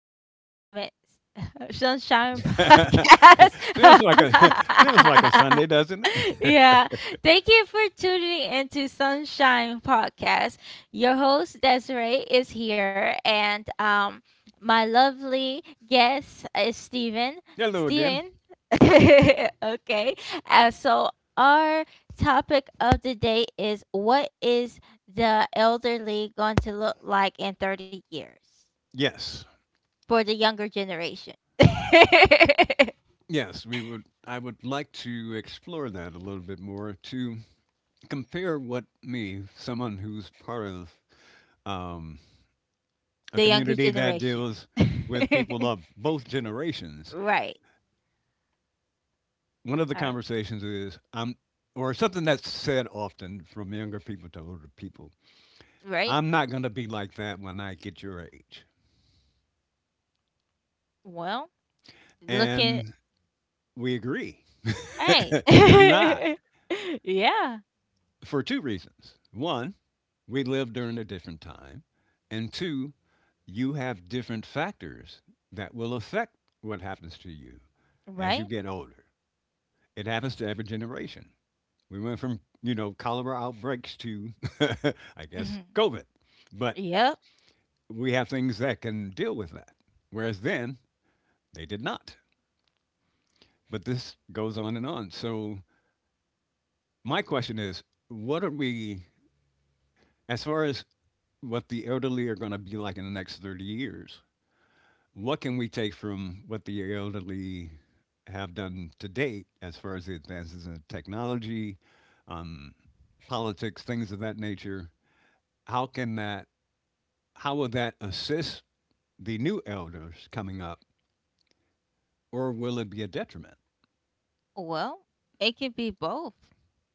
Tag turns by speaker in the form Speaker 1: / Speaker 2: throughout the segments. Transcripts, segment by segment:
Speaker 1: Sunday. Sunshine
Speaker 2: feels
Speaker 1: Podcast.
Speaker 2: like a feels like a Sunday, doesn't it?
Speaker 1: Yeah. Thank you for tuning into Sunshine Podcast. Your host Desiree is here, and my lovely guest is Steven.
Speaker 2: Hello again.
Speaker 1: Steven. Okay. So our topic of the day is, what is the elderly going to look like in 30 years
Speaker 2: Yes.
Speaker 1: for the younger generation? The
Speaker 2: Yes, we would I would like to explore that a little bit more to compare what me, someone who's part of um, a
Speaker 1: younger
Speaker 2: community that
Speaker 1: generation.
Speaker 2: deals with people of both generations.
Speaker 1: Right.
Speaker 2: One of the
Speaker 1: All right.
Speaker 2: conversations is I'm or something that's said often from younger people to older people.
Speaker 1: Right?
Speaker 2: I'm not going to be like that when I get your age.
Speaker 1: Well, look at,
Speaker 2: And we agree.
Speaker 1: hey.
Speaker 2: You're not.
Speaker 1: Yeah,
Speaker 2: For two reasons. One, we live during a different time. And two, you have different factors that will affect what happens to you as
Speaker 1: right?
Speaker 2: you get older. It happens to every generation. We went from cholera outbreaks to, I guess,
Speaker 1: Hmm.
Speaker 2: COVID. But
Speaker 1: Yeah.
Speaker 2: we have things that can deal with that. Whereas then, they did not. But this goes on and on. So, my question is what are we, as far as what the elderly are going to be like in the next 30 years. What can we take from what the elderly have done to date as far as the advances in technology, um, politics, things of that nature? How can that, how will that assist the new elders coming up, or will it be a detriment?
Speaker 1: Well, it could be both,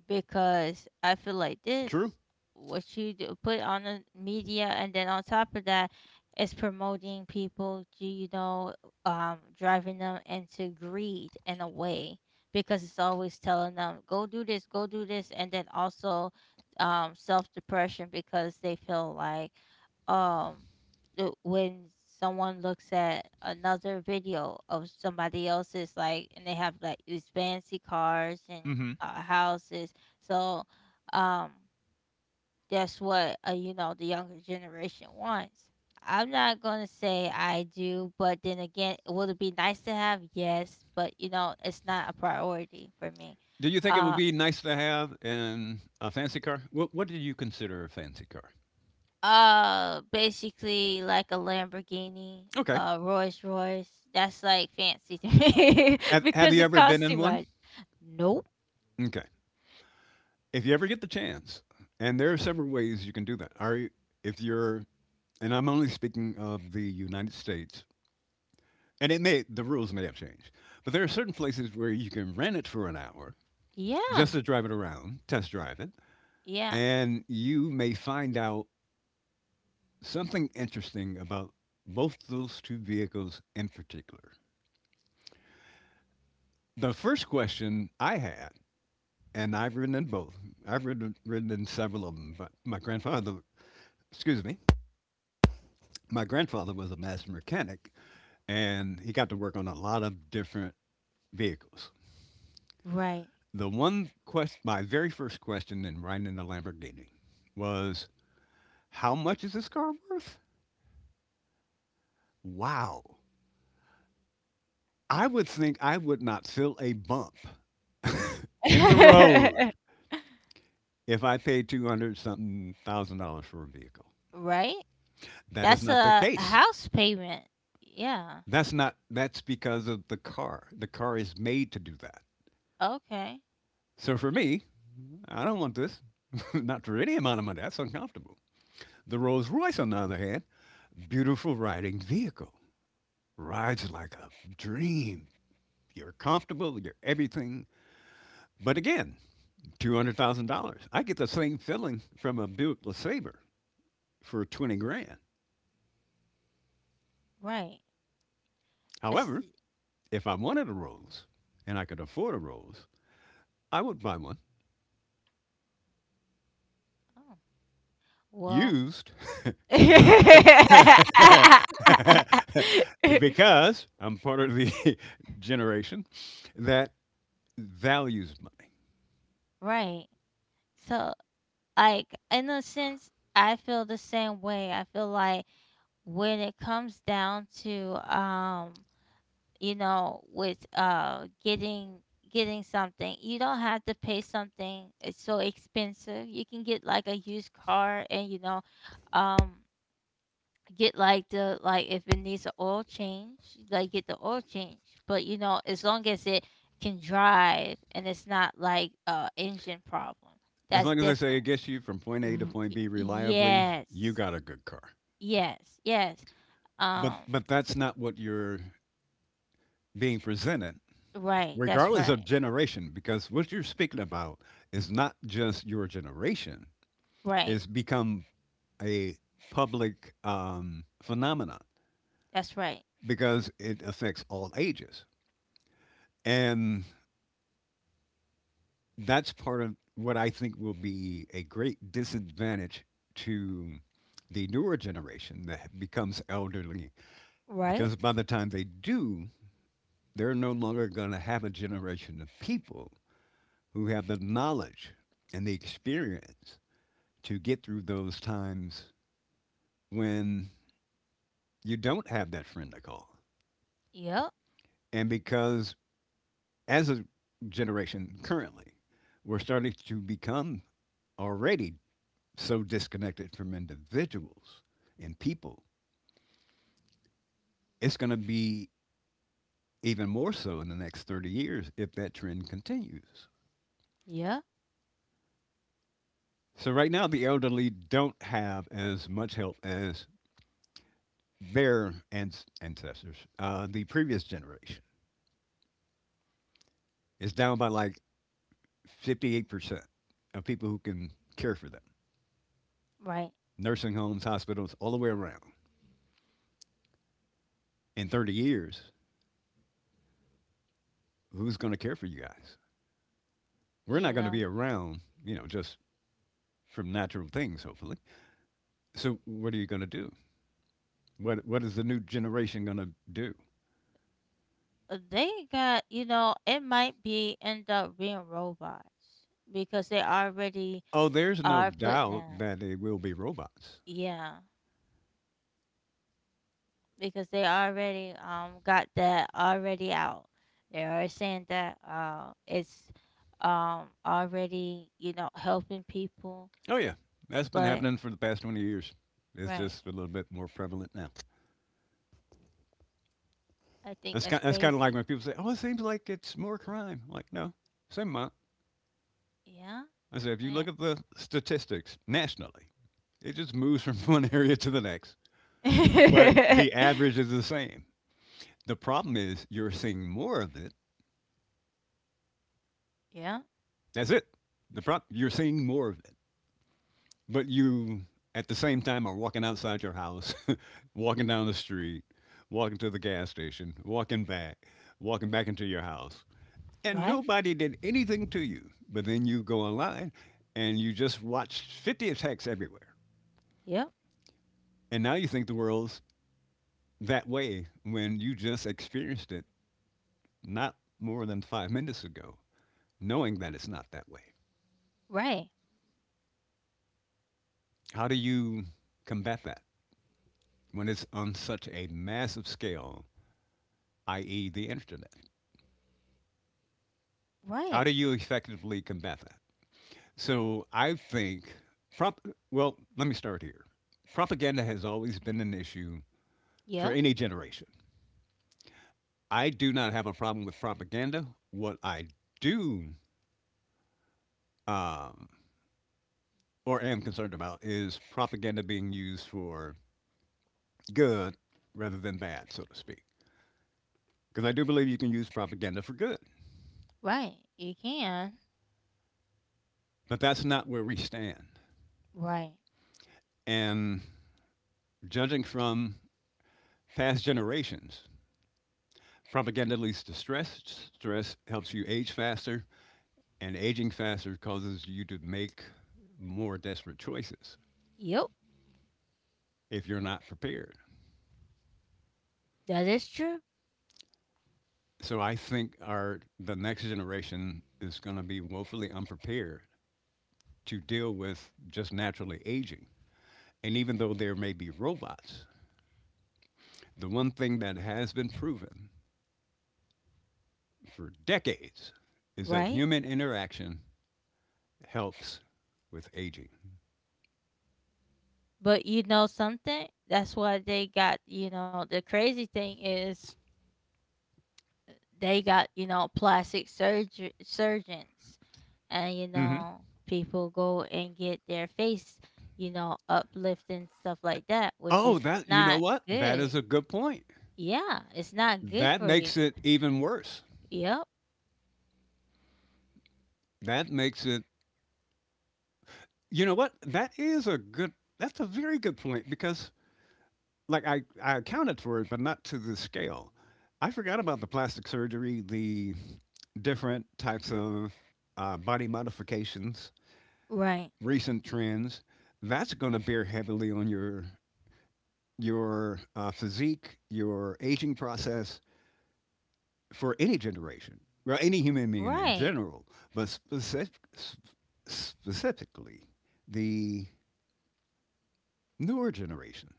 Speaker 1: because I feel like this,
Speaker 2: True.
Speaker 1: what you do, put on the media, and then on top of that, it's promoting people to, you know, driving them into greed in a way, because it's always telling them, go do this, go do this. And then also self depression, because they feel like um when someone looks at another video of somebody else's, like, and they have like these fancy cars and
Speaker 2: Hmm.
Speaker 1: houses. So um that's what, you know, the younger generation wants. I'm not going to say I do, but then again, would it be nice to have? Yes. But you know, it's not a priority for me.
Speaker 2: Do you think it would
Speaker 1: Uh,
Speaker 2: be nice to have in a fancy car? What do you consider a fancy car?
Speaker 1: Basically like a Lamborghini,
Speaker 2: Okay.
Speaker 1: Rolls-Royce. That's like fancy to me
Speaker 2: Have
Speaker 1: because
Speaker 2: you
Speaker 1: it
Speaker 2: ever been
Speaker 1: costs
Speaker 2: in
Speaker 1: too
Speaker 2: one?
Speaker 1: much. Nope.
Speaker 2: Okay. If you ever get the chance, and there are several ways you can do that. Are you, if you're, and I'm only speaking of the United States, and it may the rules may have changed, but there are certain places where you can rent it for an hour just
Speaker 1: Yeah.
Speaker 2: to drive it around, test drive it,
Speaker 1: Yeah.
Speaker 2: and you may find out something interesting about both those two vehicles in particular. The first question I had, and I've ridden in both. I've ridden in several of them, but my grandfather, excuse me, my grandfather was a master mechanic, and he got to work on a lot of different vehicles.
Speaker 1: Right.
Speaker 2: My very first question in riding the Lamborghini was, how much is this car worth? Wow. I would think I would not feel a bump in the road if I paid 200 something thousand dollars for a vehicle.
Speaker 1: Right?
Speaker 2: That is
Speaker 1: That's
Speaker 2: not the
Speaker 1: a
Speaker 2: case.
Speaker 1: house payment. Yeah.
Speaker 2: That's not, that's because of the car. The car is made to do that.
Speaker 1: Okay.
Speaker 2: So for me, I don't want this, not for any amount of money. That's uncomfortable. The Rolls Royce, on the other hand, beautiful riding vehicle, rides like a dream. You're comfortable, you're everything. But again, $200,000. I get the same feeling from a Buick LeSabre for 20 grand.
Speaker 1: Right. It's,
Speaker 2: However, if I wanted a Rolls and I could afford a Rolls, I would buy one
Speaker 1: oh, well.
Speaker 2: used because I because I'm part of the generation that values money.
Speaker 1: Right. So, like, in a sense, I feel the same way. I feel like when it comes down to, you know, with, getting something, you don't have to pay something it's so expensive. You can get like a used car, and you know, um get like the, like if it needs an oil change, like get the oil change. But you know, as long as it can drive, and it's not like a engine problem,
Speaker 2: As
Speaker 1: that's
Speaker 2: long as they say
Speaker 1: different.
Speaker 2: it gets you from point
Speaker 1: R-
Speaker 2: A to point B reliably, you
Speaker 1: Yes,
Speaker 2: got a good car.
Speaker 1: yes, yes.
Speaker 2: But
Speaker 1: Um,
Speaker 2: but that's not what you're being presented,
Speaker 1: right. That's
Speaker 2: regardless of
Speaker 1: right.
Speaker 2: generation, because what you're speaking about is not just your generation.
Speaker 1: Right.
Speaker 2: It's become a public phenomenon
Speaker 1: That's right.
Speaker 2: because it affects all ages, and that's part of what I think will be a great disadvantage to the newer generation that becomes elderly.
Speaker 1: Right.
Speaker 2: Because by the time they do, they're no longer going to have a generation of people who have the knowledge and the experience to get through those times when you don't have that friend to call.
Speaker 1: Yep.
Speaker 2: And because as a generation currently, we're starting to become already so disconnected from individuals and people, it's going to be even more so in the next 30 years if that trend continues.
Speaker 1: Yep.
Speaker 2: So right now, the elderly don't have as much help as their ancestors. The previous generation is down by like 58% of people who can care for them.
Speaker 1: Right.
Speaker 2: Nursing homes, hospitals, all the way around. In 30 years, who's going to care for you guys? We're not
Speaker 1: You
Speaker 2: going to
Speaker 1: know,
Speaker 2: be around, just from natural things, hopefully. So what are you going to do? What is the new generation going to do?
Speaker 1: they got. You know, it might be end up being robots because they already
Speaker 2: Oh, there's no
Speaker 1: are putting
Speaker 2: doubt
Speaker 1: that.
Speaker 2: that they will be robots.
Speaker 1: Yeah, because they already got that already out. They are saying that it's already, you know, helping people.
Speaker 2: Oh yeah, that's been
Speaker 1: But
Speaker 2: happening for the past 20 years. It's
Speaker 1: right.
Speaker 2: just a little bit more prevalent now.
Speaker 1: I think
Speaker 2: That's
Speaker 1: that's
Speaker 2: kind. That's kind of like
Speaker 1: crazy.
Speaker 2: when people say, "Oh, it seems like it's more crime." I'm like, no, same amount.
Speaker 1: Yeah.
Speaker 2: I said, if you
Speaker 1: Eh.
Speaker 2: look at the statistics nationally, it just moves from one area to the next, but the average is the same. The problem is you're seeing more of it.
Speaker 1: Yeah.
Speaker 2: That's it. The problem you're seeing more of it, but you at the same time are walking outside your house walking down the street, walking to the gas station, walking back into your house, and
Speaker 1: Right.
Speaker 2: nobody did anything to you. But then you go online and you just watch 50 attacks everywhere.
Speaker 1: Yep.
Speaker 2: And now you think the world's that way when you just experienced it not more than 5 minutes ago, knowing that it's not that way.
Speaker 1: Right.
Speaker 2: How do you combat that when it's on such a massive scale, i.e., the internet?
Speaker 1: Right.
Speaker 2: How do you effectively combat that? So I think, prop- well, let me start here. Propaganda has always been an issue for
Speaker 1: Yep.
Speaker 2: any generation. I do not have a problem with propaganda. What I do um, or am concerned about is propaganda being used for good rather than bad, so to speak. Because I do believe you can use propaganda for good.
Speaker 1: Right. You can.
Speaker 2: But that's not where we stand.
Speaker 1: Right.
Speaker 2: And judging from past generations, propaganda leads to stress. Stress helps you age faster. And aging faster causes you to make more desperate choices
Speaker 1: Yep.
Speaker 2: if you're not prepared.
Speaker 1: That is true.
Speaker 2: So I think our the next generation is going to be woefully unprepared to deal with just naturally aging. And even though there may be robots, the one thing that has been proven for decades is that
Speaker 1: Right.
Speaker 2: human interaction helps with aging.
Speaker 1: But you know something? That's why they got, you know, the crazy thing is, they got, you know, plastic surgery surgeons, and you
Speaker 2: Hmm.
Speaker 1: know, people go and get their face, you know, uplift and stuff like that, which
Speaker 2: Oh,
Speaker 1: is
Speaker 2: that. You know
Speaker 1: not
Speaker 2: what? That is
Speaker 1: good.
Speaker 2: a good point.
Speaker 1: Yeah, it's not good
Speaker 2: That
Speaker 1: for you.
Speaker 2: makes it even worse.
Speaker 1: Yep.
Speaker 2: That makes it. You know what? That is a good. That's a very good point because, like, I accounted for it, but not to the scale. I forgot about the plastic surgery, the different types of body modifications,
Speaker 1: Right.
Speaker 2: recent trends. That's going to bear heavily on your physique, your aging process for any generation, well, any human being in
Speaker 1: Right.
Speaker 2: general, but specifically the newer generation.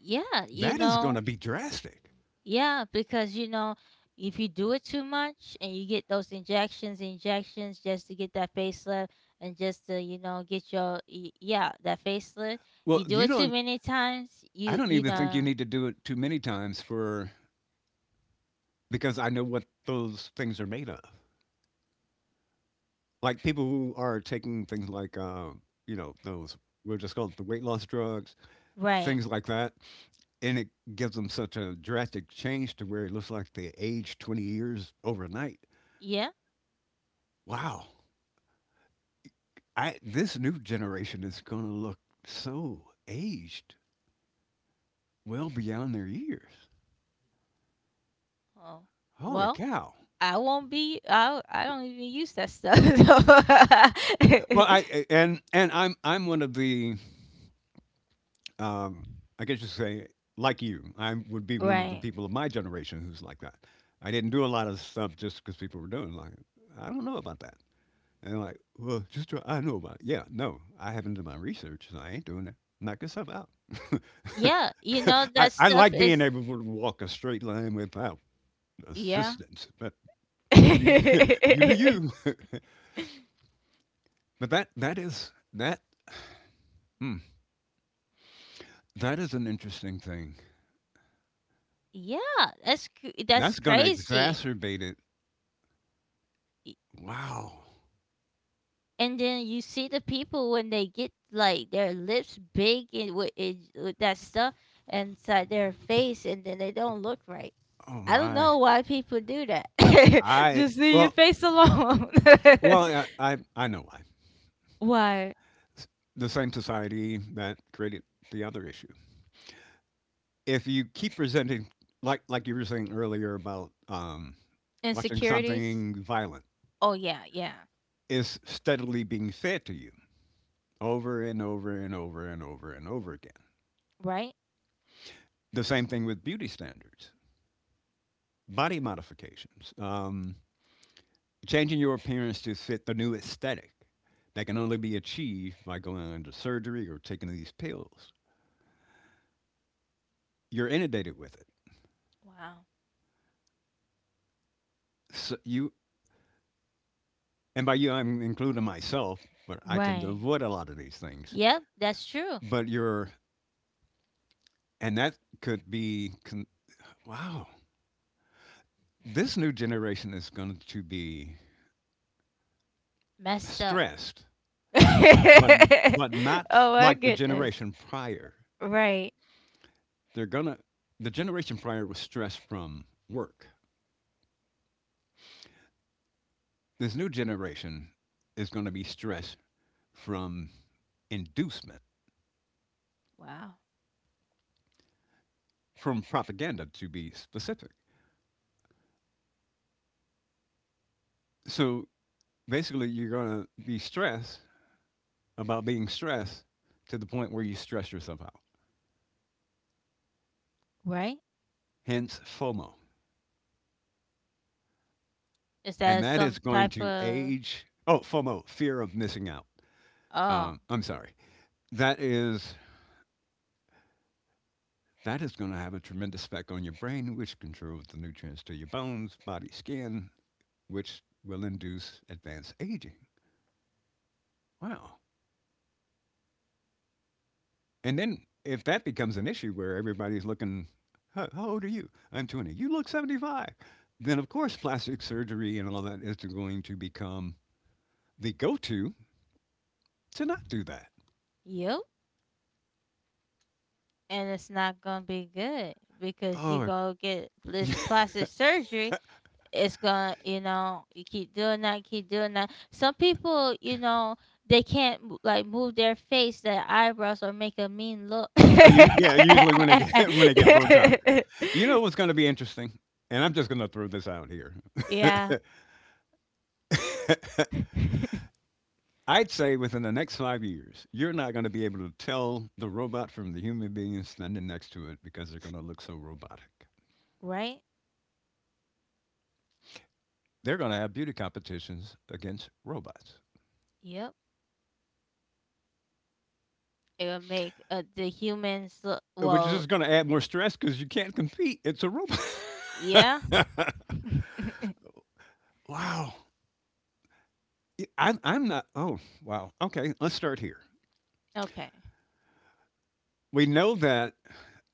Speaker 1: Yeah, you
Speaker 2: That is going
Speaker 1: know.
Speaker 2: to be drastic.
Speaker 1: Yeah, because you know, if you do it too much and you get those injections, injections just to get that facelift, and just to, you know, get your yeah, that facelift,
Speaker 2: Well,
Speaker 1: you do
Speaker 2: you
Speaker 1: it too
Speaker 2: don't.
Speaker 1: many times,
Speaker 2: I
Speaker 1: you
Speaker 2: don't
Speaker 1: you
Speaker 2: even think you
Speaker 1: know,
Speaker 2: need to do it too many times for because I know what those things are made of. Like people who are taking things like, those we'll just call it the weight loss drugs,
Speaker 1: right.
Speaker 2: things like that, and it gives them such a drastic change to where it looks like they aged 20 years overnight.
Speaker 1: Yeah.
Speaker 2: Wow, I this new generation is going to look so aged, well beyond their years.
Speaker 1: Oh.
Speaker 2: Holy
Speaker 1: Well,
Speaker 2: cow!
Speaker 1: I won't be I don't even use that stuff.
Speaker 2: Well,
Speaker 1: So
Speaker 2: I- and I'm one of the um, I guess you say like you. I would be one of the
Speaker 1: right.
Speaker 2: people of my generation who's like that. I didn't do a lot of stuff just because people were doing it. Like I don't know about that. And like, well, just try, I know about it. Yeah, no, I haven't done my research, so I ain't doing it. Knock yourself out.
Speaker 1: Yeah, you know
Speaker 2: I,
Speaker 1: that
Speaker 2: I
Speaker 1: stuff
Speaker 2: like being
Speaker 1: is.
Speaker 2: able to walk a straight line without
Speaker 1: Yeah.
Speaker 2: assistance, but you do you, you do you. But that is that. hmm, that is an interesting thing.
Speaker 1: Yeah, that's
Speaker 2: That's gonna
Speaker 1: crazy.
Speaker 2: exacerbate it.
Speaker 1: Y-
Speaker 2: Wow.
Speaker 1: And then you see the people when they get like their lips big, and with, it, with that stuff inside their face, and then they don't look right.
Speaker 2: Oh
Speaker 1: I don't
Speaker 2: my.
Speaker 1: know why people do that.
Speaker 2: I
Speaker 1: Just see your
Speaker 2: well
Speaker 1: face alone.
Speaker 2: well, I know why.
Speaker 1: Why?
Speaker 2: S The same society that created the other issue. If you keep presenting like you were saying earlier about, watching
Speaker 1: Insecurities.
Speaker 2: something violent,
Speaker 1: Oh yeah, yeah.
Speaker 2: is steadily being fed to you over and over and over and over and over again.
Speaker 1: Right.
Speaker 2: The same thing with beauty standards, body modifications, changing your appearance to fit the new aesthetic that can only be achieved by going under surgery or taking these pills. You're inundated with it.
Speaker 1: Wow.
Speaker 2: So you, and by you, I'm including myself, but I tend to
Speaker 1: Right.
Speaker 2: avoid a lot of these things.
Speaker 1: Yep, that's true.
Speaker 2: But you're, and that could be, con- Wow, this new generation is going to be
Speaker 1: Messed up.
Speaker 2: stressed, but but not
Speaker 1: Oh my
Speaker 2: like the
Speaker 1: goodness.
Speaker 2: generation prior.
Speaker 1: Right.
Speaker 2: They're gonna, the generation prior was stressed from work. This new generation is going to be stressed from inducement,
Speaker 1: Wow.
Speaker 2: from propaganda to be specific. So basically, you're going to be stressed about being stressed to the point where you stress yourself out.
Speaker 1: Right?
Speaker 2: Hence FOMO.
Speaker 1: Is
Speaker 2: And
Speaker 1: that
Speaker 2: that
Speaker 1: some
Speaker 2: is going
Speaker 1: type
Speaker 2: to
Speaker 1: of,
Speaker 2: age. Oh, FOMO, fear of missing out.
Speaker 1: oh,
Speaker 2: I'm sorry. That is that is going to have a tremendous effect on your brain, which controls the nutrients to your bones, body, skin, which will induce advanced aging. Wow. And then if that becomes an issue where everybody's looking, how old are you? I'm 20. You look 75. Then, of course, plastic surgery and all that is going to become the go to not do that.
Speaker 1: yep? And it's not gonna be good, because you
Speaker 2: Oh,
Speaker 1: go get this plastic surgery. It's gonna, you know, you keep doing that, keep doing that. Some people, you know, they can't mo- like move their face, their eyebrows, or make a mean look.
Speaker 2: oh, yeah. Usually when I get when I get Botox, you know what's going to be interesting, and I'm just going to throw this out here.
Speaker 1: Yeah.
Speaker 2: I'd say within the next 5 years, you're not going to be able to tell the robot from the human being standing next to it because they're going to look so robotic.
Speaker 1: Right?
Speaker 2: They're going to have beauty competitions against robots,
Speaker 1: Yep. It will make, the humans look
Speaker 2: which is
Speaker 1: well.
Speaker 2: just going to add more stress because you can't compete. It's a robot.
Speaker 1: Yeah.
Speaker 2: Wow. I, I'm not. Oh, wow. Okay, let's start here.
Speaker 1: Okay.
Speaker 2: We know that,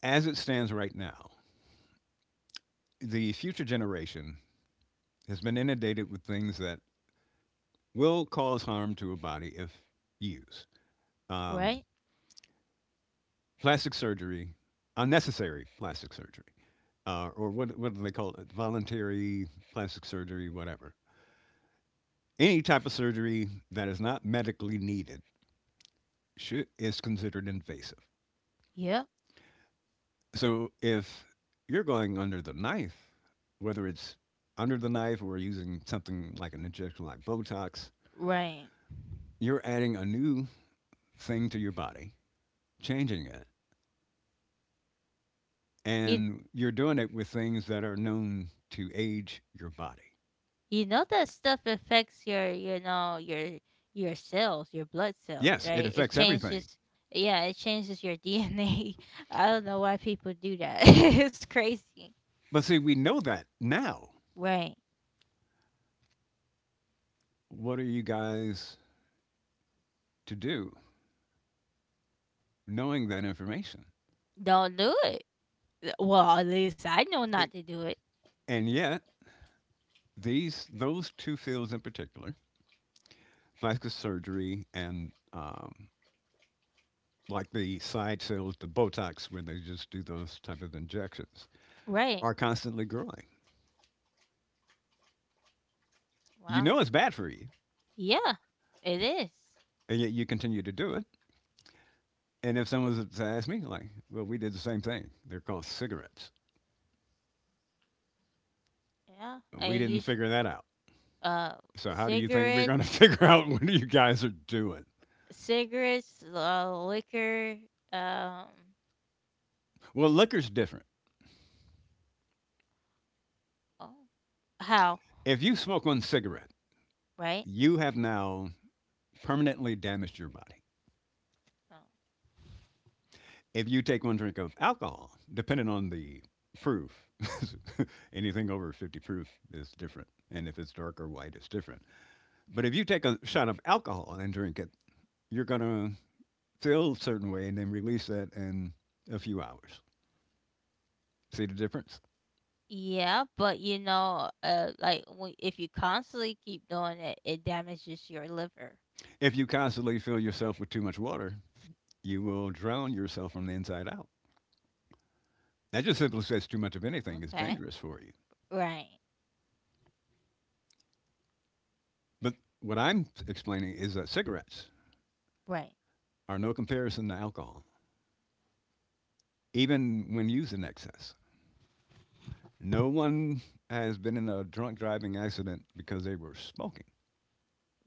Speaker 2: as it stands right now, the future generation has been inundated with things that will cause harm to a body if used. Um,
Speaker 1: Right.
Speaker 2: Plastic surgery, unnecessary plastic surgery, or what do they call it? Voluntary plastic surgery, whatever. Any type of surgery that is not medically needed is considered invasive.
Speaker 1: Yep.
Speaker 2: So if you're going under the knife, whether it's under the knife or using something like an injection like Botox,
Speaker 1: Right.
Speaker 2: you're adding a new thing to your body, changing it.
Speaker 1: You
Speaker 2: And you're doing it with things that are known to age your body.
Speaker 1: you know that stuff affects your, you know, your cells, your blood cells,
Speaker 2: Yes, it
Speaker 1: right? It
Speaker 2: affects everything.
Speaker 1: changes. Yeah, it changes your DNA. I don't know why people do that. It's crazy.
Speaker 2: But see, we know that now.
Speaker 1: Right.
Speaker 2: What are you guys to do knowing that information?
Speaker 1: Don't do it. Well, at least I know not to
Speaker 2: I-
Speaker 1: do it.
Speaker 2: And yet, these those two fields in particular, plastic surgery and like the side sales, the Botox, where they just do those type of injections,
Speaker 1: Right.
Speaker 2: are constantly growing. You
Speaker 1: Wow.
Speaker 2: know it's bad for you,
Speaker 1: Yeah. It is.
Speaker 2: and yet you continue to do it. And if someone was to ask me, like, well, we did the same thing. They're called cigarettes.
Speaker 1: Yeah.
Speaker 2: We
Speaker 1: And
Speaker 2: didn't
Speaker 1: you.
Speaker 2: figure that out.
Speaker 1: uh
Speaker 2: So how do you think we're going to
Speaker 1: Cigarettes,
Speaker 2: figure out what you guys are doing?
Speaker 1: liquor, um
Speaker 2: Well, liquor's different.
Speaker 1: oh, how
Speaker 2: If you smoke one cigarette,
Speaker 1: right.
Speaker 2: you have now permanently damaged your body.
Speaker 1: Oh.
Speaker 2: If you take one drink of alcohol, depending on the proof, anything over 50 proof is different. And if it's dark or white, it's different. But if you take a shot of alcohol and drink it, you're going to feel a certain way and then release that in a few hours. See the difference?
Speaker 1: Yeah, but you know, like, when, if you constantly keep doing it, it damages your liver.
Speaker 2: If you constantly fill yourself with too much water, you will drown yourself from the inside out. That just simply says too much of anything is
Speaker 1: Okay.
Speaker 2: dangerous for you.
Speaker 1: Right.
Speaker 2: But what I'm explaining is that cigarettes
Speaker 1: Right.
Speaker 2: are no comparison to alcohol, even when using excess. No one has been in a drunk driving accident because they were smoking,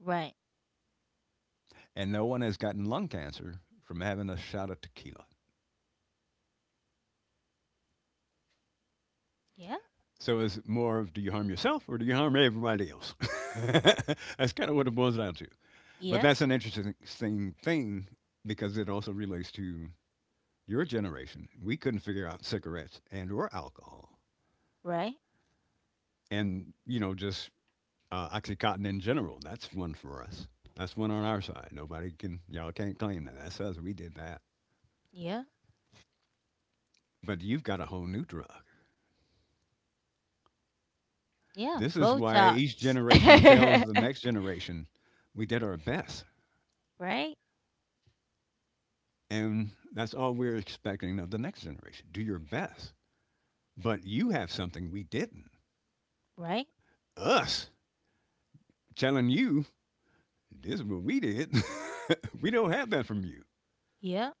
Speaker 1: Right.
Speaker 2: and no one has gotten lung cancer from having a shot of tequila.
Speaker 1: Yeah.
Speaker 2: So it's more of, do you harm yourself or do you harm everybody else? That's kind of what it boils down to. But
Speaker 1: Yeah.
Speaker 2: that's an interesting thing because it also relates to your generation. We couldn't figure out cigarettes and or alcohol,
Speaker 1: Right.
Speaker 2: and you know just OxyContin in general. That's one for us. That's one on our side. Y'all can't claim that. That's us. We did that.
Speaker 1: Yeah.
Speaker 2: But you've got a whole new drug.
Speaker 1: Yeah,
Speaker 2: This is why
Speaker 1: botox.
Speaker 2: each generation tells the next generation, we did our best.
Speaker 1: Right.
Speaker 2: And that's all we're expecting of the next generation. Do your best. But you have something we didn't.
Speaker 1: Right.
Speaker 2: Us telling you, this is what we did. We don't have that from you.
Speaker 1: Yeah,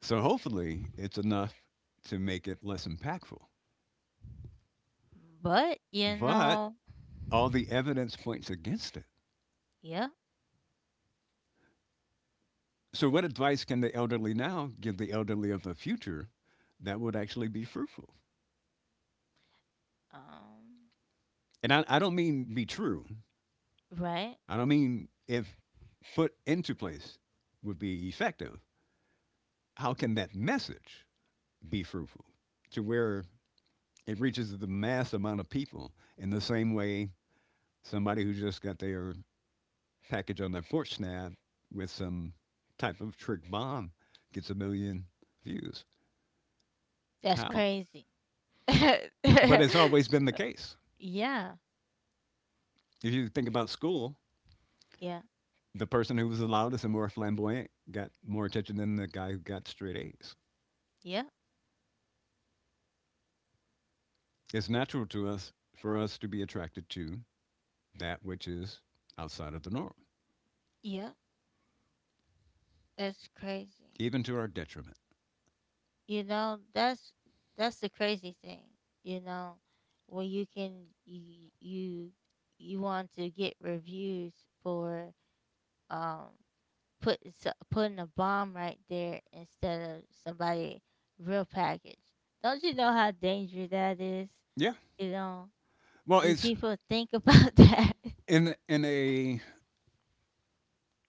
Speaker 2: So hopefully it's enough to make it less impactful.
Speaker 1: but you
Speaker 2: But
Speaker 1: know.
Speaker 2: all the evidence points against it.
Speaker 1: Yeah.
Speaker 2: So, what advice can the elderly now give the elderly of the future that would actually be fruitful?
Speaker 1: um
Speaker 2: And I don't mean be true,
Speaker 1: right.
Speaker 2: I don't mean if put into place would be effective. How can that message be fruitful to where it reaches the mass amount of people in the same way somebody who just got their package on their porch snap with some type of trick bomb gets 1,000,000 views?
Speaker 1: That's
Speaker 2: How?
Speaker 1: crazy.
Speaker 2: But
Speaker 1: yeah,
Speaker 2: it's always been the case.
Speaker 1: yeah,
Speaker 2: If you think about school, the person who was the loudest and more flamboyant got more attention than the guy who got straight A's.
Speaker 1: yeah,
Speaker 2: It's natural to us for us to be attracted to that which is outside of the norm,
Speaker 1: yeah. That's crazy.
Speaker 2: even to our detriment.
Speaker 1: You know, that's the crazy thing. You know, when you can, you you, you want to get reviews for um putting a bomb right there, instead of somebody real package. Don't you know how dangerous that is?
Speaker 2: Yeah.
Speaker 1: You know,
Speaker 2: Well,
Speaker 1: do
Speaker 2: it's
Speaker 1: people think about that?
Speaker 2: in a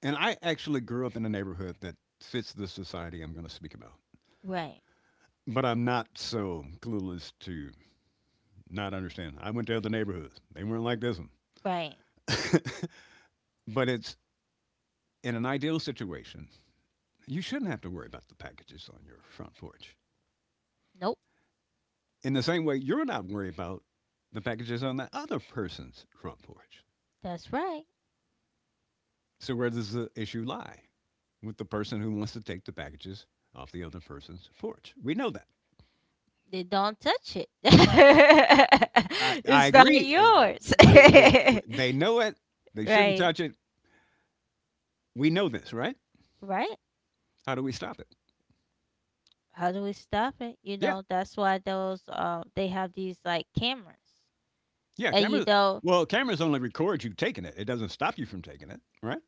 Speaker 2: and I actually grew up in a neighborhood that fits the society I'm going to speak about.
Speaker 1: Right,
Speaker 2: But I'm not so clueless to not understand. I went to other neighborhoods. They weren't like this one.
Speaker 1: right.
Speaker 2: But it's in an ideal situation, you shouldn't have to worry about the packages on your front porch.
Speaker 1: Nope.
Speaker 2: In the same way, you're not worried about the packages on the other person's front porch.
Speaker 1: That's right.
Speaker 2: So, where does the issue lie? With the person who wants to take the packages off the other person's porch. We know that.
Speaker 1: They don't touch it.
Speaker 2: I
Speaker 1: It's not
Speaker 2: agree. And
Speaker 1: yours.
Speaker 2: They know it. They shouldn't
Speaker 1: Right.
Speaker 2: touch it. We know this, right?
Speaker 1: Right.
Speaker 2: How do we stop it?
Speaker 1: How do we stop it? You
Speaker 2: Yeah.
Speaker 1: know, that's why those they have these like cameras.
Speaker 2: Yeah.
Speaker 1: And you
Speaker 2: Cameras.
Speaker 1: know,
Speaker 2: Well, cameras only record you taking it. It doesn't stop you from taking it, right?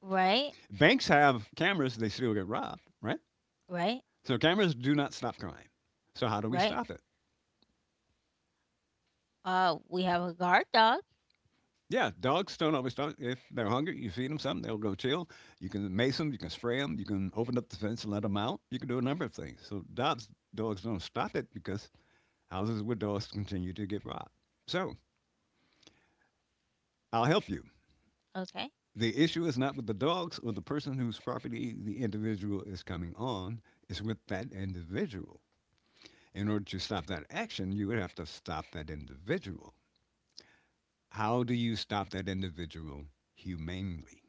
Speaker 1: right,
Speaker 2: Banks have cameras. They still get robbed, right?
Speaker 1: right,
Speaker 2: So cameras do not stop crying. So how do we
Speaker 1: right.
Speaker 2: stop it?
Speaker 1: We have a guard dog.
Speaker 2: Yeah, dogs don't always stop. If they're hungry, you feed them something, they'll go chill. You can mace them, you can spray them, you can open up the fence and let them out. You can do a number of things. So dogs don't stop it because houses with dogs continue to get robbed. So I'll help you.
Speaker 1: Okay.
Speaker 2: The issue is not with the dogs or the person whose property the individual is coming on. It's with that individual. In order to stop that action, you would have to stop that individual. How do you stop that individual humanely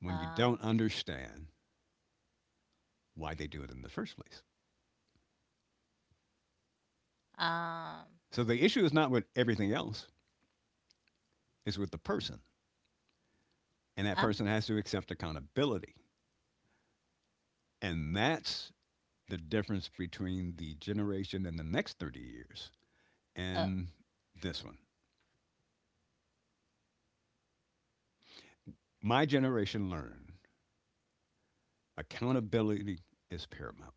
Speaker 2: when you
Speaker 1: Uh
Speaker 2: don't understand why they do it in the first place?
Speaker 1: um
Speaker 2: So the issue is not with everything else, it's with the person. And that
Speaker 1: I'm,
Speaker 2: person has to accept accountability. And that's the difference between the generation in the next 30 years
Speaker 1: oh,
Speaker 2: and this one. My generation learned accountability is paramount.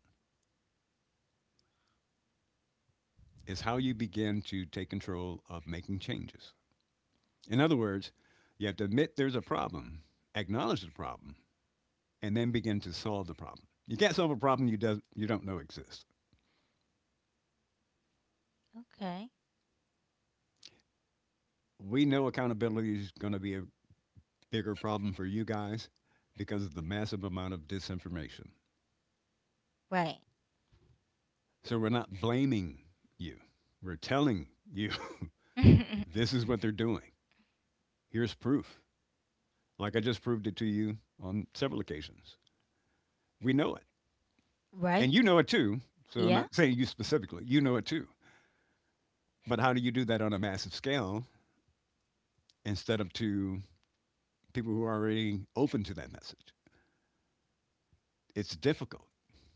Speaker 2: It's how you begin to take control of making changes. In other words, you have to admit there's a problem, acknowledge the problem, and then begin to solve the problem. You can't solve a problem you don't know exists.
Speaker 1: okay.
Speaker 2: We know accountability is going to be a bigger problem for you guys because of the massive amount of disinformation.
Speaker 1: Right.
Speaker 2: So we're not blaming you. We're telling you, this is what they're doing. Here's proof. Like I just proved it to you on several occasions. We know it.
Speaker 1: Right.
Speaker 2: And you know it too. So I'm
Speaker 1: Yeah,
Speaker 2: not saying you specifically. You know it too. But how do you do that on a massive scale instead of to people who are already open to that message? It's difficult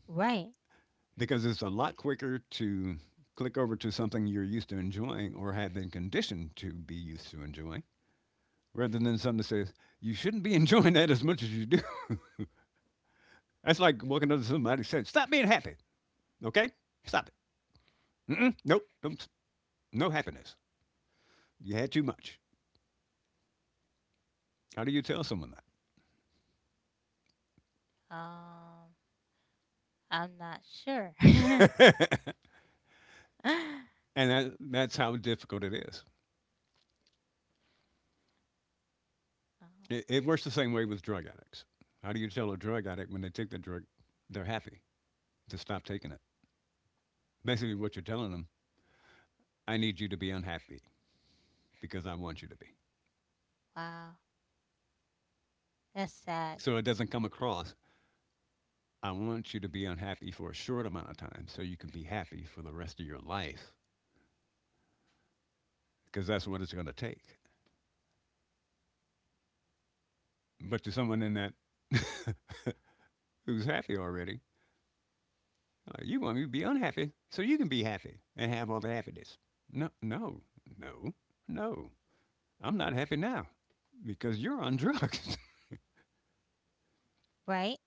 Speaker 1: right.
Speaker 2: because it's a lot quicker to click over to something you're used to enjoying or have been conditioned to be used to enjoying rather than something that says, you shouldn't be enjoying that as much as you do. That's like walking up to somebody and saying, stop being happy, okay? Stop it. Mm-mm, nope, don't, no happiness. You had too much. How do you tell someone that?
Speaker 1: Um I'm not sure.
Speaker 2: And that's how difficult it is.
Speaker 1: Oh,
Speaker 2: It works the same way with drug addicts. How do you tell a drug addict when they take the drug, they're happy, to stop taking it? Basically, what you're telling them, I need you to be unhappy because I want you to be.
Speaker 1: wow. That's sad.
Speaker 2: So it doesn't come across, I want you to be unhappy for a short amount of time so you can be happy for the rest of your life because that's what it's going to take. But to someone in that who's happy already, you want me to be unhappy so you can be happy and have all the happiness. No, no, no, no. I'm not happy now because you're on drugs.
Speaker 1: Right?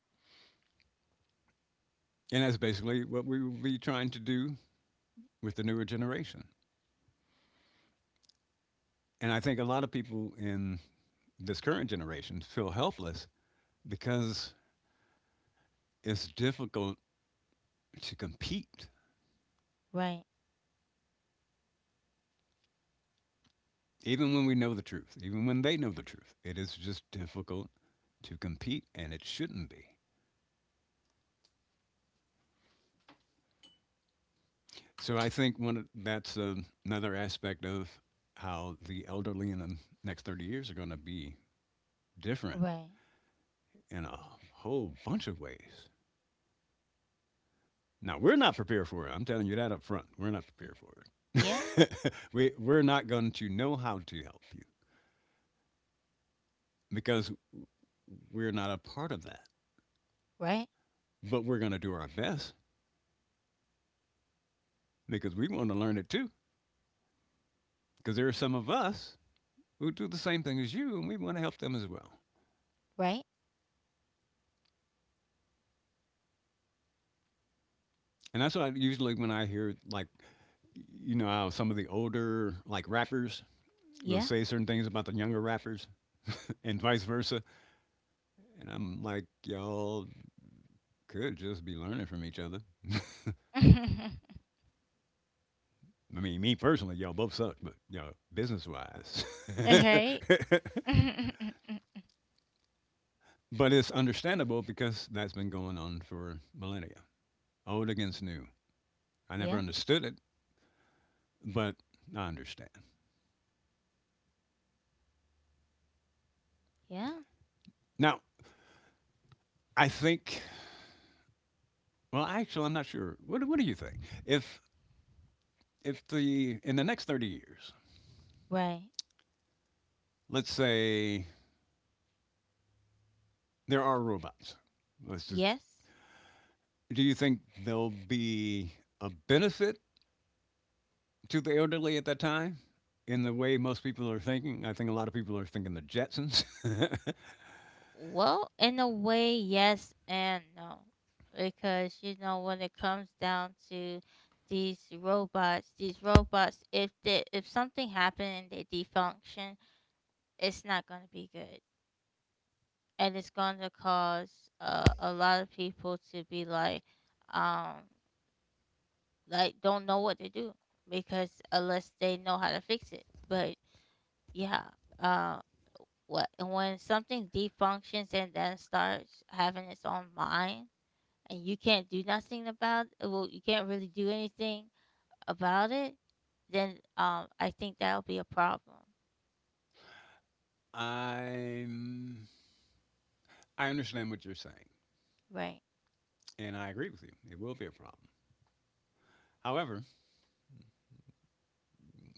Speaker 2: And that's basically what we will be trying to do with the newer generation. And I think a lot of people in this current generation feel helpless because it's difficult to compete,
Speaker 1: Right.
Speaker 2: even when we know the truth, even when they know the truth. It is just difficult to compete, and it shouldn't be. So I think one of- that's another aspect of how the elderly in the next 30 years are going to be different
Speaker 1: Right.
Speaker 2: in a whole bunch of ways. Now we're not prepared for it. I'm telling you that up front. We're not
Speaker 1: Y-
Speaker 2: prepared for
Speaker 1: Yeah.
Speaker 2: it. We're not going to know how to help you because we're not a part of that.
Speaker 1: Right.
Speaker 2: But we're going to do our best because we want to learn it too. Because there are some of us who do the same thing as you, and we want to help them as well.
Speaker 1: Right.
Speaker 2: And that's why usually when I hear like, how some of the older like rappers will
Speaker 1: Yeah.
Speaker 2: say certain things about the younger rappers, and vice versa. And I'm like, y'all could just be learning from each other. I mean, me personally, y'all both suck, but y'all business wise.
Speaker 1: Right.
Speaker 2: But it's understandable because that's been going on for millennia. Old against new. I never
Speaker 1: Yeah.
Speaker 2: understood it, but I understand.
Speaker 1: Yeah.
Speaker 2: Now, I think well, actually I'm not sure. What do you think? If if the in the next 30 years,
Speaker 1: Right.
Speaker 2: let's say there are robots. Let's just
Speaker 1: Yes.
Speaker 2: do you think there'll be a benefit to the elderly at that time in the way most people are thinking. I think a lot of people are thinking the Jetsons.
Speaker 1: Well, in a way, yes and no. Because, you know, when it comes down to these robots, if they, if something happened and they defunction, it's not going to be good. And it's going to cause, a lot of people to be like, um like, don't know what to do, because unless they know how to fix it. But yeah. uh what, and when something defunctions and then starts having its own mind, and you can't do nothing about, well, you can't really do anything about it, then I think that'll be a problem.
Speaker 2: I'm, I understand what you're saying,
Speaker 1: Right.
Speaker 2: and I agree with you. It will be a problem. However,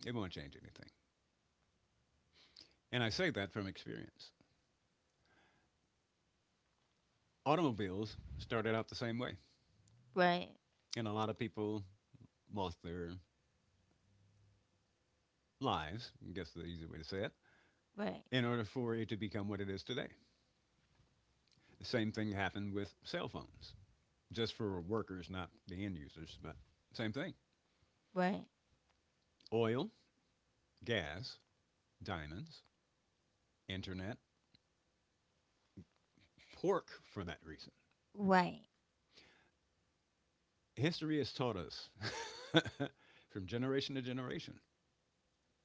Speaker 2: it won't change anything. And I say that from experience. Automobiles started out the same way,
Speaker 1: Right.
Speaker 2: and a lot of people lost their lives, I guess the easy way to say it,
Speaker 1: Right.
Speaker 2: in order for it to become what it is today. The same thing happened with cell phones, just for workers, not the end users, but same thing.
Speaker 1: Right.
Speaker 2: Oil, gas, diamonds, internet, pork for that reason.
Speaker 1: Right.
Speaker 2: History has taught us from generation to generation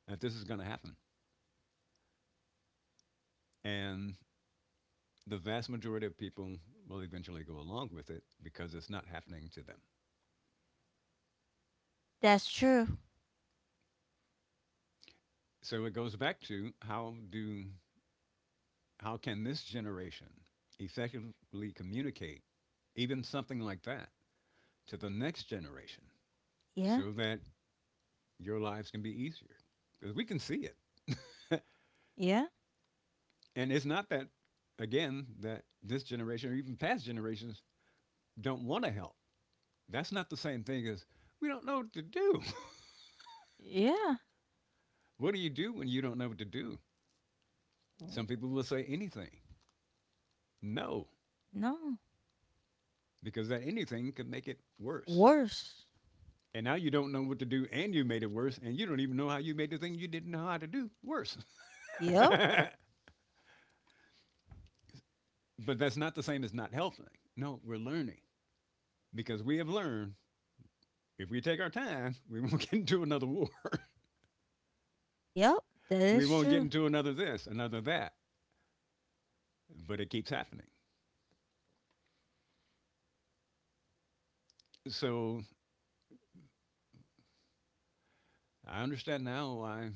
Speaker 2: that this is going to happen. And the vast majority of people will eventually go along with it because it's not happening to them.
Speaker 1: That's true.
Speaker 2: So it goes back to how can this generation effectively communicate even something like that to the next generation
Speaker 1: Yeah.
Speaker 2: so that your lives can be easier? Because we can see it.
Speaker 1: Yeah.
Speaker 2: And it's not that, again, that this generation or even past generations don't want to help. That's not the same thing as we don't know what to do.
Speaker 1: Yeah.
Speaker 2: What do you do when you don't know what to do?
Speaker 1: W-
Speaker 2: Some people will say anything. No,
Speaker 1: No.
Speaker 2: because that anything could make it worse.
Speaker 1: Worse.
Speaker 2: And now you don't know what to do and you made it worse and you don't even know how you made the thing you didn't know how to do worse.
Speaker 1: Yep.
Speaker 2: But that's not the same as not helping. No, we're learning because we have learned if we take our time, we won't get into another war.
Speaker 1: Yep. That
Speaker 2: We
Speaker 1: is
Speaker 2: won't get
Speaker 1: true.
Speaker 2: into another this, another that, but it keeps happening. So I understand now why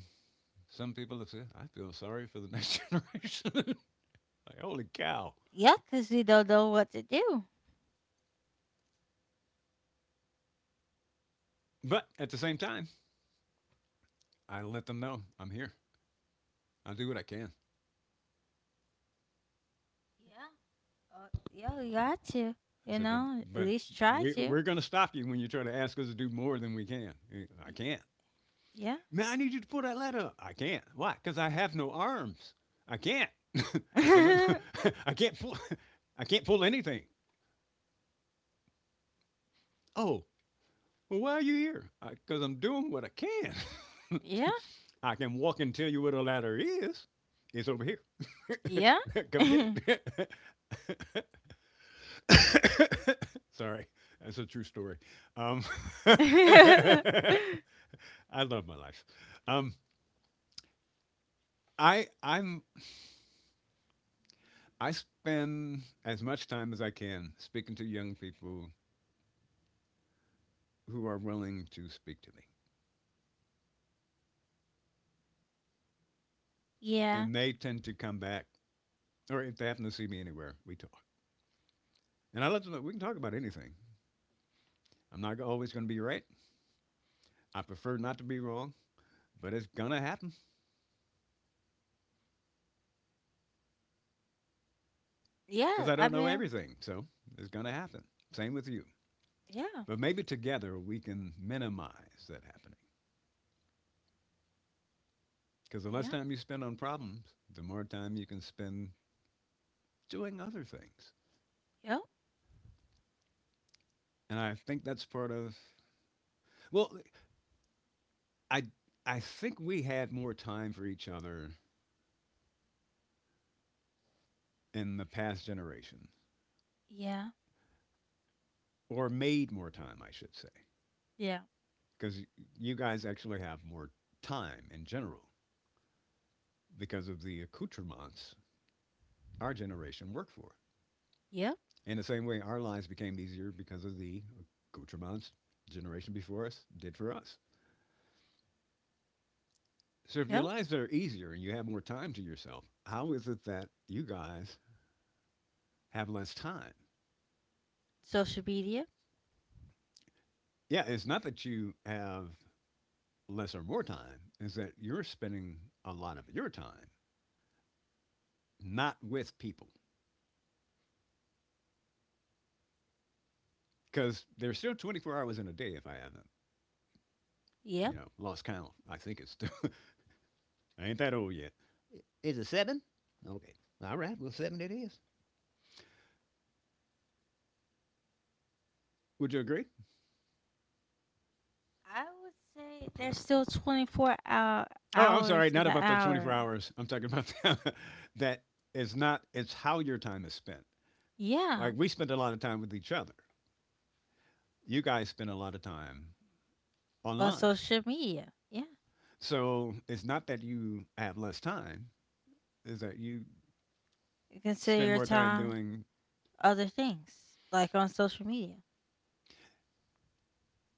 Speaker 2: some people have said, I feel sorry for the next generation. Like, holy cow.
Speaker 1: Yeah, 'cause you don't know what to do.
Speaker 2: But at the same time, I let them know I'm here. I'll do what I can.
Speaker 1: Yeah. Yeah, you got to.
Speaker 2: I
Speaker 1: You
Speaker 2: said,
Speaker 1: know, at
Speaker 2: but
Speaker 1: least try to.
Speaker 2: we're going to stop you when you try to ask us to do more than we can. I
Speaker 1: Y-
Speaker 2: can't.
Speaker 1: Yeah.
Speaker 2: Man, I need you to pull that ladder up. I can't. Why? Because I have no arms. I can't. That's a. I can't pull. I can't pull anything. Oh, well, why are you here? Because I'm doing what I can.
Speaker 1: Yeah.
Speaker 2: I can walk and tell you where the ladder is. It's over here.
Speaker 1: Yeah.
Speaker 2: Come get it. Sorry, that's a true story. Um, I love my life. Um, I'm I spend as much time as I can speaking to young people who are willing to speak to me,
Speaker 1: Yeah.
Speaker 2: and they tend to come back, or if they happen to see me anywhere, we talk. And I let them know we can talk about anything. I'm not always going to be right. I prefer not to be wrong, but it's gonna happen because
Speaker 1: Yeah.
Speaker 2: I don't
Speaker 1: I
Speaker 2: know
Speaker 1: mean,
Speaker 2: everything. So it's gonna happen. Same with you.
Speaker 1: yeah.
Speaker 2: But maybe together we can minimize that happening. Because the less
Speaker 1: Yeah.
Speaker 2: time you spend on problems, the more time you can spend doing other things.
Speaker 1: Yep.
Speaker 2: And I think that's part of. Well, I I think we had more time for each other in the past generation,
Speaker 1: Yeah.
Speaker 2: or made more time, I should say,
Speaker 1: Yeah.
Speaker 2: because you guys actually have more time in general because of the accoutrements our generation worked for.
Speaker 1: Yep.
Speaker 2: In the same way, our lives became easier because of the accoutrements generation before us did for us. So if your
Speaker 1: Yep.
Speaker 2: lives are easier and you have more time to yourself, how is it that you guys have less time?
Speaker 1: Social media.
Speaker 2: Yeah, it's not that you have less or more time, it's that you're spending a lot of your time not with people because there's still 24 hours in a day if I haven't,
Speaker 1: Yep.
Speaker 2: lost count. I think it's still, I ain't that old yet. Is it seven? Okay. All right. Well, seven it is. Would you agree?
Speaker 1: I would say there's still
Speaker 2: Oh, I'm sorry,
Speaker 1: hours in
Speaker 2: not
Speaker 1: the
Speaker 2: about the 24
Speaker 1: hour.
Speaker 2: hours. I'm talking about that. That is not it's how your time is spent.
Speaker 1: Yeah,
Speaker 2: Like we spend a lot of time with each other. You guys spend a lot of time
Speaker 1: on
Speaker 2: online.
Speaker 1: social media. Yeah.
Speaker 2: So it's not that you have less time, is that you
Speaker 1: You consider
Speaker 2: spend
Speaker 1: your
Speaker 2: more time
Speaker 1: time
Speaker 2: doing
Speaker 1: other things, like on social media.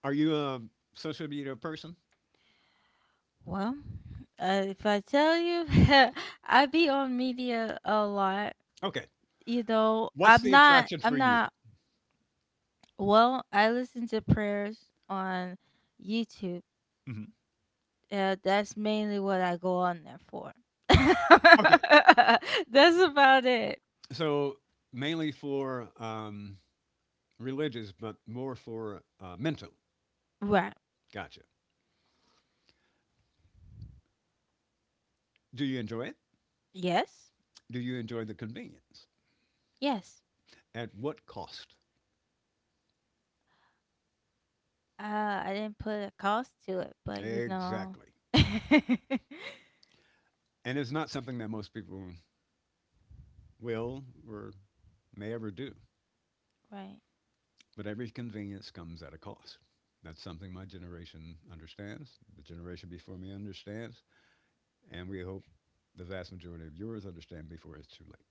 Speaker 2: are you a social media person?
Speaker 1: Well, if I tell you, I be on media a lot.
Speaker 2: Okay.
Speaker 1: You know,
Speaker 2: What's the attraction
Speaker 1: I'm
Speaker 2: for you?
Speaker 1: not, well, I listen to prayers on YouTube.
Speaker 2: Mhm.
Speaker 1: That's mainly what I go on there for.
Speaker 2: Okay.
Speaker 1: That's about it.
Speaker 2: So mainly for religious but more for mental.
Speaker 1: Right.
Speaker 2: Gotcha. Do you enjoy it?
Speaker 1: Yes.
Speaker 2: Do you enjoy the convenience?
Speaker 1: Yes.
Speaker 2: At what cost?
Speaker 1: I didn't put a cost to it, but you know.
Speaker 2: Exactly. And it's not something that most people will or may ever do.
Speaker 1: Right.
Speaker 2: But every convenience comes at a cost. That's something my generation understands, the generation before me understands, and we hope the vast majority of yours understand before it's too late.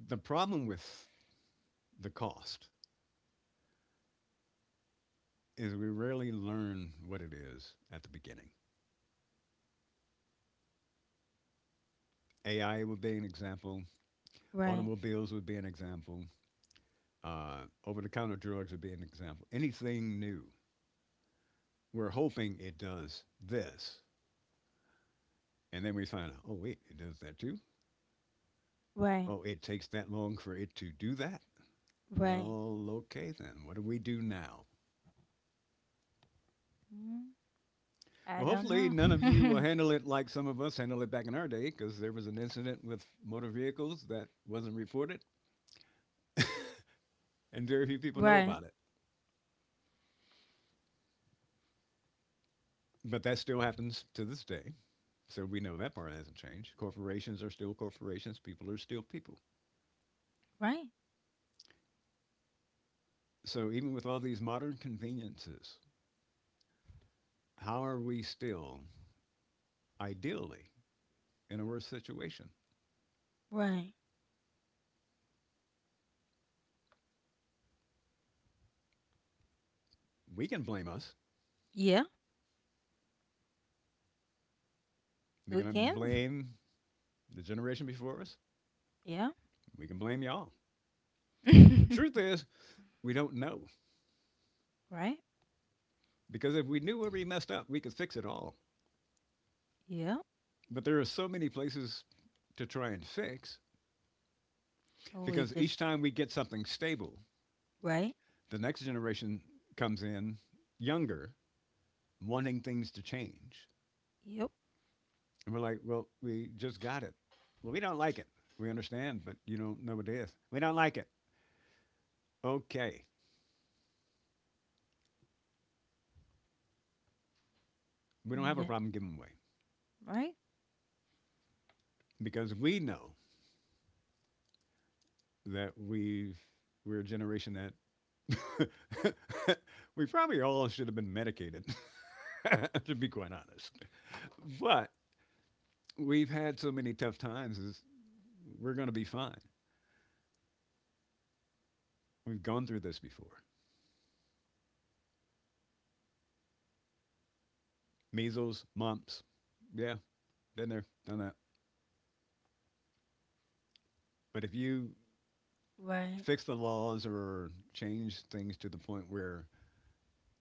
Speaker 2: The problem with the cost is we rarely learn what it is at the beginning. AI would be an example,
Speaker 1: Right.
Speaker 2: automobiles would be an example, over the counter drugs would be an example. Anything new, we're hoping it does this. And then we find out, oh, wait, it does that too?
Speaker 1: Right.
Speaker 2: Oh, it takes that long for it to do that?
Speaker 1: Right.
Speaker 2: Well, okay then. What do we do now?
Speaker 1: Mm, I
Speaker 2: Well,
Speaker 1: don't
Speaker 2: hopefully, none of you will
Speaker 1: know.
Speaker 2: handle it like some of us handled it back in our day because there was an incident with motor vehicles that wasn't reported and very few people know
Speaker 1: Right.
Speaker 2: about it. But that still happens to this day. So we know that part hasn't changed. Corporations are still corporations, people are still people.
Speaker 1: Right.
Speaker 2: So, even with all these modern conveniences, how are we still ideally in a worse situation?
Speaker 1: Right.
Speaker 2: We can blame us.
Speaker 1: Yeah.
Speaker 2: We
Speaker 1: We
Speaker 2: can
Speaker 1: can.
Speaker 2: blame the generation before us.
Speaker 1: Yeah.
Speaker 2: We can blame y'all. The truth is, we don't know.
Speaker 1: Right.
Speaker 2: Because if we knew where we messed up, we could fix it all.
Speaker 1: Yeah.
Speaker 2: But there are so many places to try and fix
Speaker 1: We
Speaker 2: because each
Speaker 1: just.
Speaker 2: time we get something stable,
Speaker 1: Right.
Speaker 2: the next generation comes in younger, wanting things to change.
Speaker 1: Yep.
Speaker 2: And we're like, well, we just got it. Well, we don't like it. We understand, but you don't know what it is. We don't like it. Okay. We don't have a
Speaker 1: Yeah.
Speaker 2: problem giving away
Speaker 1: Right.
Speaker 2: because we know that we're a generation that we probably all should have been medicated, to be quite honest. But we've had so many tough times, is we're going to be fine. We've gone through this before measles, mumps. Yeah, been there, done that. But if you
Speaker 1: Right.
Speaker 2: fix the laws or change things to the point where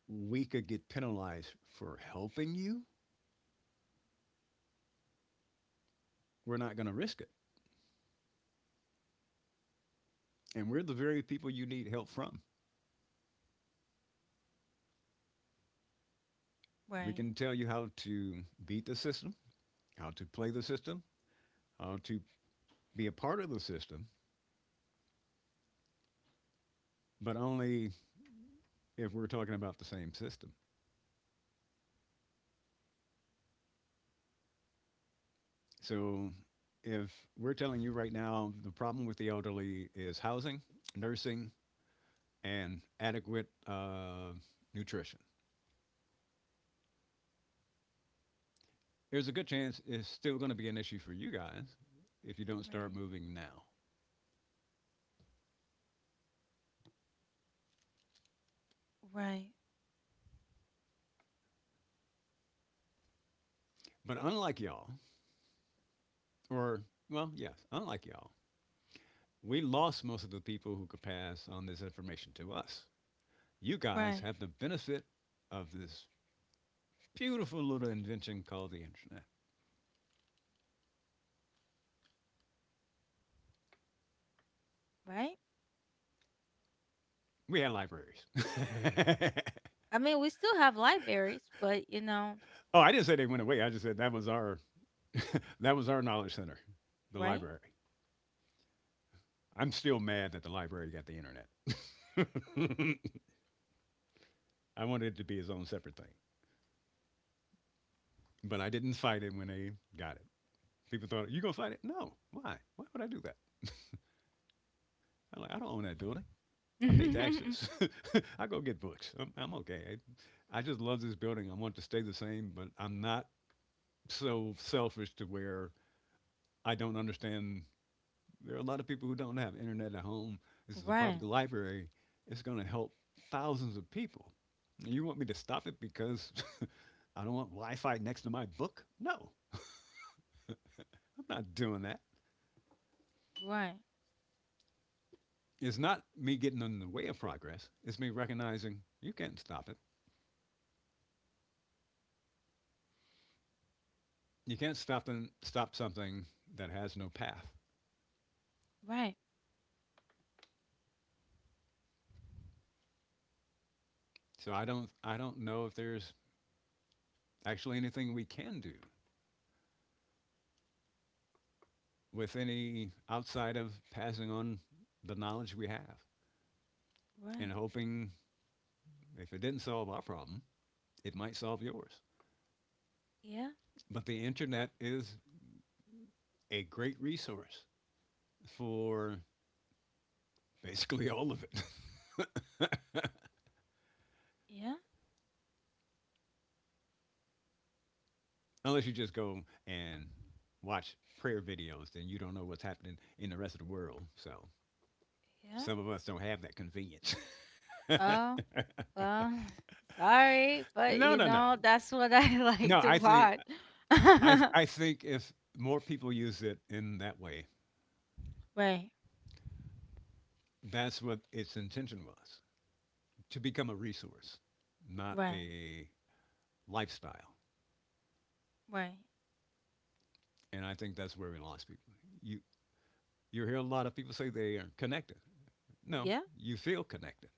Speaker 2: we could get penalized for helping you, we're not going to risk it. And we're the very people you need help from. We
Speaker 1: Right.
Speaker 2: can tell you how to beat the system, how to play the system, how to be a part of the system, but only if we're talking about the same system. So if we're telling you right now the problem with the elderly is housing, nursing, and adequate nutrition, there's a good chance it's still going to be an issue for you guys if you don't start
Speaker 1: Right.
Speaker 2: moving now.
Speaker 1: Right.
Speaker 2: But unlike y'all, or, well, yes, unlike y'all, we lost most of the people who could pass on this information to us. You
Speaker 1: Right.
Speaker 2: guys have the benefit of this beautiful little invention called the internet.
Speaker 1: Right.
Speaker 2: We had libraries.
Speaker 1: I mean, we still have libraries, but you know,
Speaker 2: Oh, I didn't say they went away. I just said that was our that was our knowledge center, the
Speaker 1: right?
Speaker 2: library. I'm still mad that the library got the internet. I wanted it to be its own separate thing. But I didn't fight it when they got it. People thought, you going to fight it? No. Why? Why would I do that? I'm like, I don't own that building. I pay taxes. I go get books. I'm okay. I just love this building. I want it to stay the same, but I'm not so selfish to where I don't understand. There are a lot of people who don't have internet at home. This is a public
Speaker 1: Right,
Speaker 2: library. It's going to help thousands of people. And you want me to stop it because I don't want Wi Fi next to my book? No, I'm not doing that.
Speaker 1: right,
Speaker 2: It's not me getting in the way of progress. It's me recognizing you can't stop it. You can't stop them, stop something that has no path.
Speaker 1: right,
Speaker 2: So I don't know if there's actually anything we can do with any outside of passing on the knowledge we have
Speaker 1: right.
Speaker 2: and hoping if it didn't solve our problem, it might solve yours.
Speaker 1: Yeah,
Speaker 2: But the internet is a great resource for basically all of it.
Speaker 1: yeah,
Speaker 2: Unless you just go and watch prayer videos, then you don't know what's happening in the rest of the world. So
Speaker 1: yeah.
Speaker 2: some of us don't have that convenience. No,
Speaker 1: Oh, well, sorry, but
Speaker 2: no,
Speaker 1: you
Speaker 2: no,
Speaker 1: know, that's what I
Speaker 2: no.
Speaker 1: like to
Speaker 2: I think
Speaker 1: watch.
Speaker 2: I I think if more people use it in that way,
Speaker 1: Right,
Speaker 2: that's what its intention was, to become a resource, not
Speaker 1: right,
Speaker 2: a lifestyle.
Speaker 1: right.
Speaker 2: And I think that's where we lost people. You you hear a lot of people say they are connected. No,
Speaker 1: Yeah,
Speaker 2: you feel connected.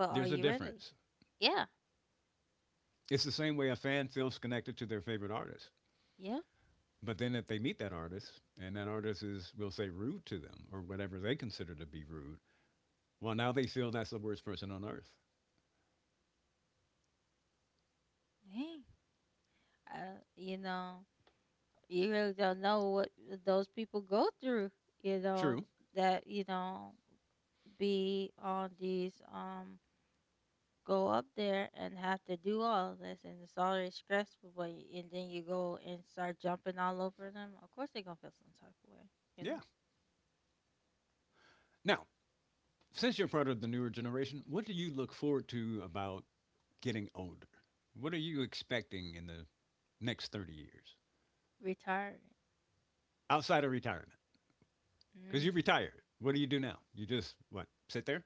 Speaker 1: but are
Speaker 2: There's a
Speaker 1: you ready?
Speaker 2: difference.
Speaker 1: Yeah,
Speaker 2: It's the same way a fan feels connected to their favorite artist.
Speaker 1: yeah.
Speaker 2: But then if they meet that artist and that artist is, we'll say, rude to them or whatever they consider to be rude, well, now they feel that's the worst person on earth.
Speaker 1: Hey, you know, you really don't know what those people go through, you know,
Speaker 2: True.
Speaker 1: that, you know, be on these, go up there and have to do all of this, and it's already stressful, but and then you go and start jumping all over them, of course they're gonna feel some type of way, you
Speaker 2: Yeah.
Speaker 1: know.
Speaker 2: Now, since you're part of the newer generation, what do you look forward to about getting older? What are you expecting in the next 30 years
Speaker 1: Retiring.
Speaker 2: outside of retirement? Because
Speaker 1: Mm,
Speaker 2: you retired. What do you do now? You just, what, sit there?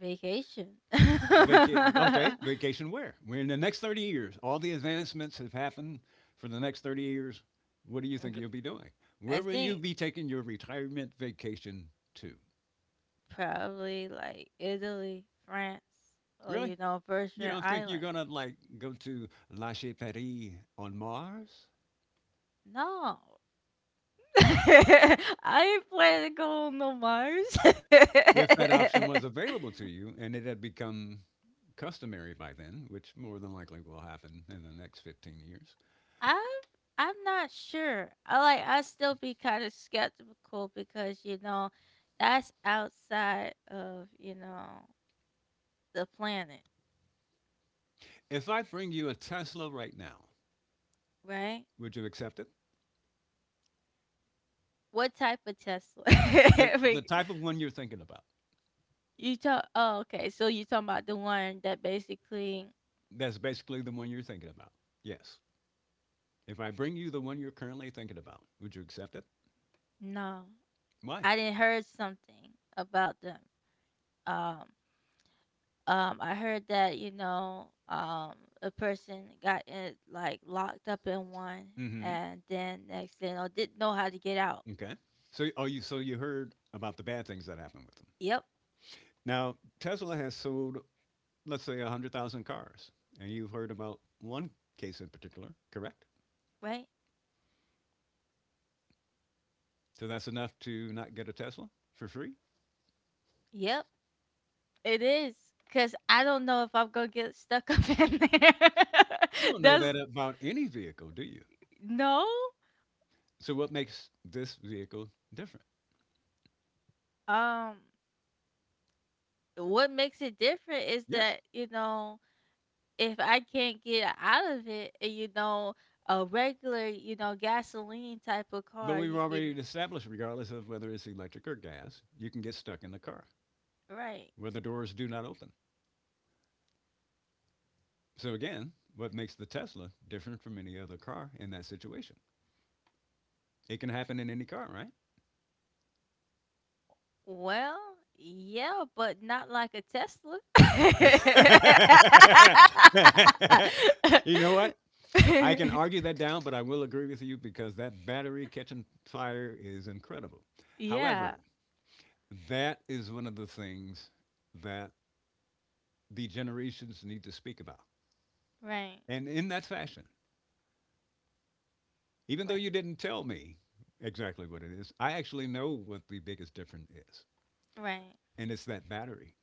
Speaker 1: vacation.
Speaker 2: Vaca- okay, vacation where? We're in the next 30 years. All the advancements have happened for the next 30 years. What do you think
Speaker 1: G-
Speaker 2: you'll be doing?
Speaker 1: I
Speaker 2: Where will you
Speaker 1: think
Speaker 2: be taking your retirement vacation to?
Speaker 1: probably like Italy, France, or
Speaker 2: Really?
Speaker 1: you know,
Speaker 2: You
Speaker 1: Virgin
Speaker 2: don't think you're
Speaker 1: Island.
Speaker 2: going to like go to La Chaperie on Mars?
Speaker 1: No. I ain't planning to go on no Mars.
Speaker 2: If that option was available to you and it had become customary by then, which more than likely will happen in the next 15 years.
Speaker 1: I'm I'm not sure. I like, I still be kind of skeptical because you know, that's outside of, you know, the planet,
Speaker 2: If I bring you a Tesla right now,
Speaker 1: right?
Speaker 2: would you accept it?
Speaker 1: What type of Tesla?
Speaker 2: The, the
Speaker 1: Like,
Speaker 2: type of one you're thinking about.
Speaker 1: you talk. Oh, okay. So you talking about the one that basically
Speaker 2: That's basically the one you're thinking about. Yes. If I bring you the one you're currently thinking about, would you accept it?
Speaker 1: no,
Speaker 2: Why?
Speaker 1: I didn't heard something about them. Um, I heard that, you know, a person got in, like, locked up in one,
Speaker 2: Mm-hmm.
Speaker 1: and then next thing you know, didn't know how to get out.
Speaker 2: Okay. So, oh, you so you heard about the bad things that happen with them.
Speaker 1: Yep,
Speaker 2: Now, Tesla has sold, let's say, 100,000 cars, and you've heard about one case in particular, correct?
Speaker 1: right?
Speaker 2: So that's enough to not get a Tesla for free.
Speaker 1: Yep, it is. Cause I don't know if I'm gonna get stuck up in there.
Speaker 2: You don't know
Speaker 1: That's
Speaker 2: that about any vehicle, do you?
Speaker 1: no.
Speaker 2: So what makes this vehicle different?
Speaker 1: Um, what makes it different is
Speaker 2: Yes.
Speaker 1: that, you know, if I can't get out of it, and you know, a regular, you know, gasoline type of
Speaker 2: But
Speaker 1: car,
Speaker 2: we've
Speaker 1: you can,
Speaker 2: already established, regardless of whether it's electric or gas, you can get stuck in the car,
Speaker 1: right.
Speaker 2: where the doors do not open. So again, what makes the Tesla different from any other car in that situation? It can happen in any car, right?
Speaker 1: Well, yeah, but not like a Tesla.
Speaker 2: You know what? I can argue that down, but I will agree with you because that battery catching fire is incredible.
Speaker 1: Yeah.
Speaker 2: However, that is one of the things that the generations need to speak about.
Speaker 1: Right.
Speaker 2: And in that fashion, even though you
Speaker 1: Right.
Speaker 2: didn't tell me exactly what it is, I actually know what the biggest difference is,
Speaker 1: Right.
Speaker 2: and it's that battery.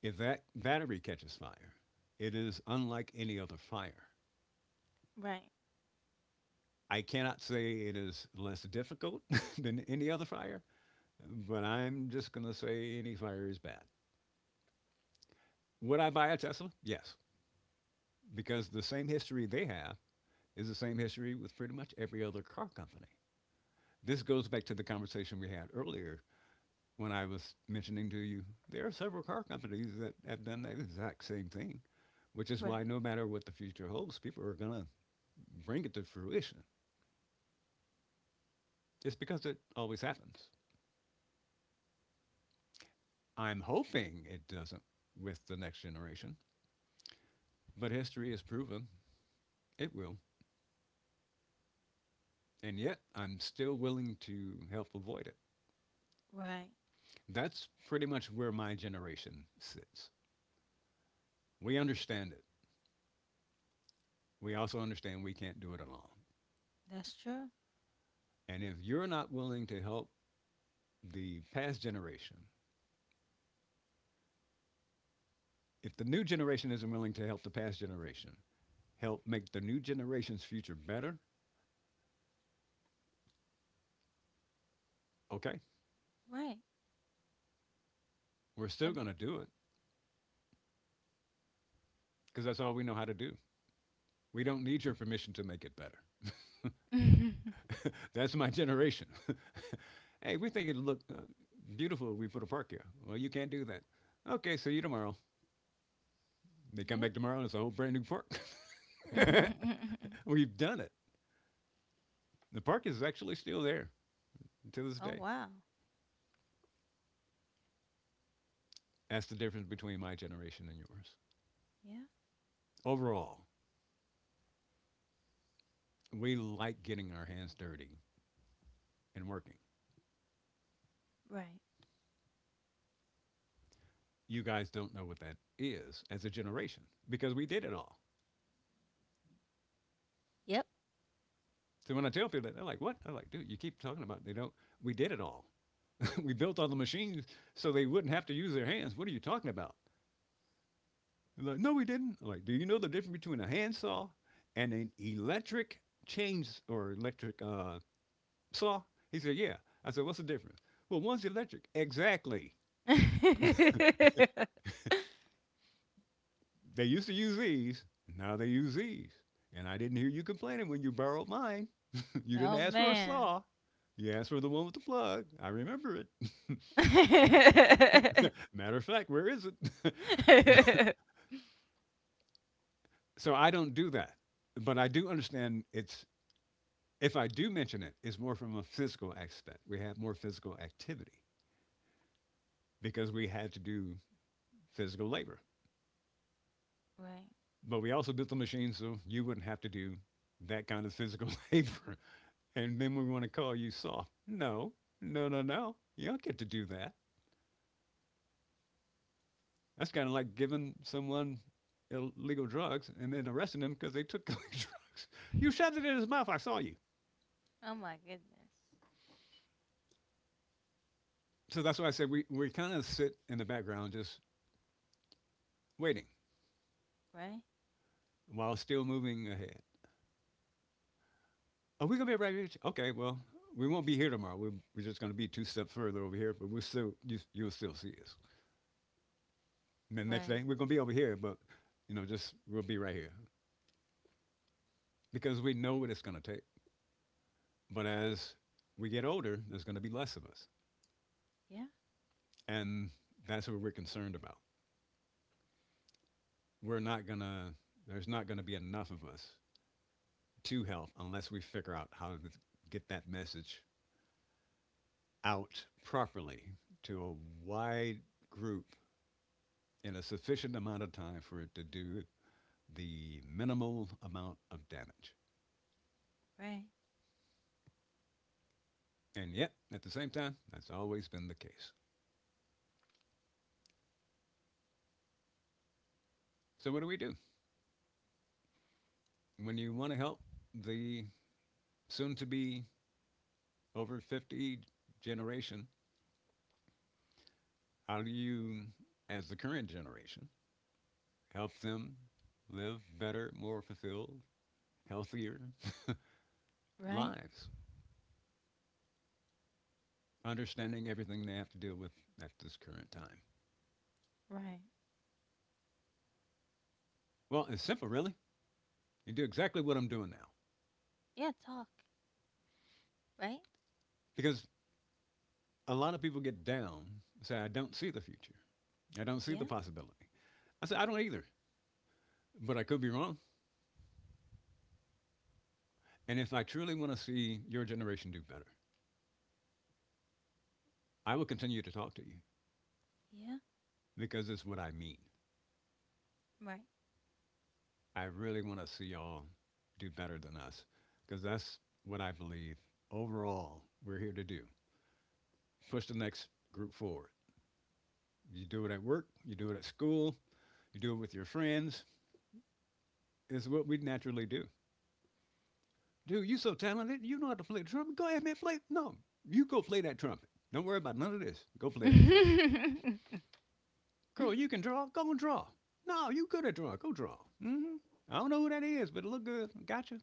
Speaker 2: If that battery catches fire, it is unlike any other fire.
Speaker 1: Right.
Speaker 2: I cannot say it is less difficult than any other fire, but I'm just going to say any fire is bad. Would I buy a Tesla? Yes, because the same history they have is the same history with pretty much every other car company. This goes back to the conversation we had earlier when I was mentioning to you there are several car companies that have done that exact same thing, which is why
Speaker 1: Right.
Speaker 2: no matter what the future holds, people are going to bring it to fruition. It's because it always happens. I'm hoping it doesn't with the next generation, but history has proven it will. And yet, I'm still willing to help avoid it.
Speaker 1: Right.
Speaker 2: That's pretty much where my generation sits. We understand it. We also understand we can't do it alone.
Speaker 1: That's true.
Speaker 2: And if you're not willing to help the past generation, if the new generation isn't willing to help the past generation, help make the new generation's future better, okay,
Speaker 1: Right.
Speaker 2: we're still
Speaker 1: Um,
Speaker 2: going to do it because that's all we know how to do. We don't need your permission to make it better. That's my generation. Hey, we think it'd look beautiful if we put a park here. Well, you can't do that. Okay, see you tomorrow. They come
Speaker 1: yeah.
Speaker 2: back tomorrow and it's a whole brand new park. We've done it. The park is actually still there to this
Speaker 1: Oh
Speaker 2: day.
Speaker 1: wow.
Speaker 2: That's the difference between my generation and yours.
Speaker 1: Yeah.
Speaker 2: Overall, we like getting our hands dirty and working.
Speaker 1: Right.
Speaker 2: You guys don't know what that is as a generation because we did it all.
Speaker 1: Yep.
Speaker 2: So when I tell people that, they're like, "What?" I'm like, "Dude, you keep talking about it. They don't. We did it all. We built all the machines so they wouldn't have to use their hands. What are you talking about?" They're like, "No, we didn't." I'm like, "Do you know the difference between a handsaw and an electric chains or electric saw?" He said, "Yeah." I said, "What's the difference?" Well, one's electric. Exactly. They used to use these. Now they use these. And I didn't hear you complaining when you borrowed mine. You didn't
Speaker 1: Oh
Speaker 2: ask for a
Speaker 1: man.
Speaker 2: saw. You asked for the one with the plug. I remember it.
Speaker 1: Right.
Speaker 2: Matter of fact, where is it? So I don't do that, but I do understand it's if I do mention it, it's more from a physical aspect. We have more physical activity because we had to do physical labor, but we also built the machine so you wouldn't have to do that kind of physical labor. And then we want to call you soft. No, no, no, no. You don't get to do that. That's kind of like giving someone illegal drugs and then arresting them because they took illegal drugs. You shoved it in his mouth. I saw you.
Speaker 1: Oh my goodness.
Speaker 2: So that's why I said we kind of sit in the background just waiting
Speaker 1: Right?
Speaker 2: while still moving ahead. Are we gonna be right here? Okay, well, we won't be here tomorrow. We're just gonna be two steps further over here, but we'll still you'll still see us. And the next
Speaker 1: Right.
Speaker 2: day we're gonna be over here, but you know, just we'll be right here because we know what it's gonna take. But as we get older, there's gonna be less of us,
Speaker 1: Yeah.
Speaker 2: and that's what we're concerned about. We're not gonna there's not gonna be enough of us to help unless we figure out how to get that message out properly to a wide group in a sufficient amount of time for it to do the minimal amount of damage.
Speaker 1: Right.
Speaker 2: And yet, at the same time, that's always been the case. So, what do we do? When you want to help the soon to be over 50 generation, how do you, as the current generation, help them live better, more fulfilled, healthier
Speaker 1: Right.
Speaker 2: lives, understanding everything they have to deal with at this current time?
Speaker 1: Right.
Speaker 2: Well, it's simple, really. You do exactly what I'm doing now.
Speaker 1: Yeah, talk. Right?
Speaker 2: Because a lot of people get down and say, I
Speaker 1: Y-
Speaker 2: don't see the future. I don't see
Speaker 1: Yeah.
Speaker 2: the possibility. I say, I don't either, but I could be wrong. And if I truly want to see your generation do better, I will continue to talk to you
Speaker 1: Yeah.
Speaker 2: because it's what I mean.
Speaker 1: Right.
Speaker 2: I really want to see y'all do better than us because that's what I believe overall we're here to do. Push the next group forward. You do it at work, you do it at school, you do it with your friends. It's what we naturally do. Dude, you so talented. You know how to play the trumpet. Go ahead, man, play. No, you go play that trumpet. Don't worry about none of this. Go play that trumpet. Girl, you can draw. Go and draw. No, you good at drawing. Go draw. Hmm. I don't know who that is, but it look good. Gotcha.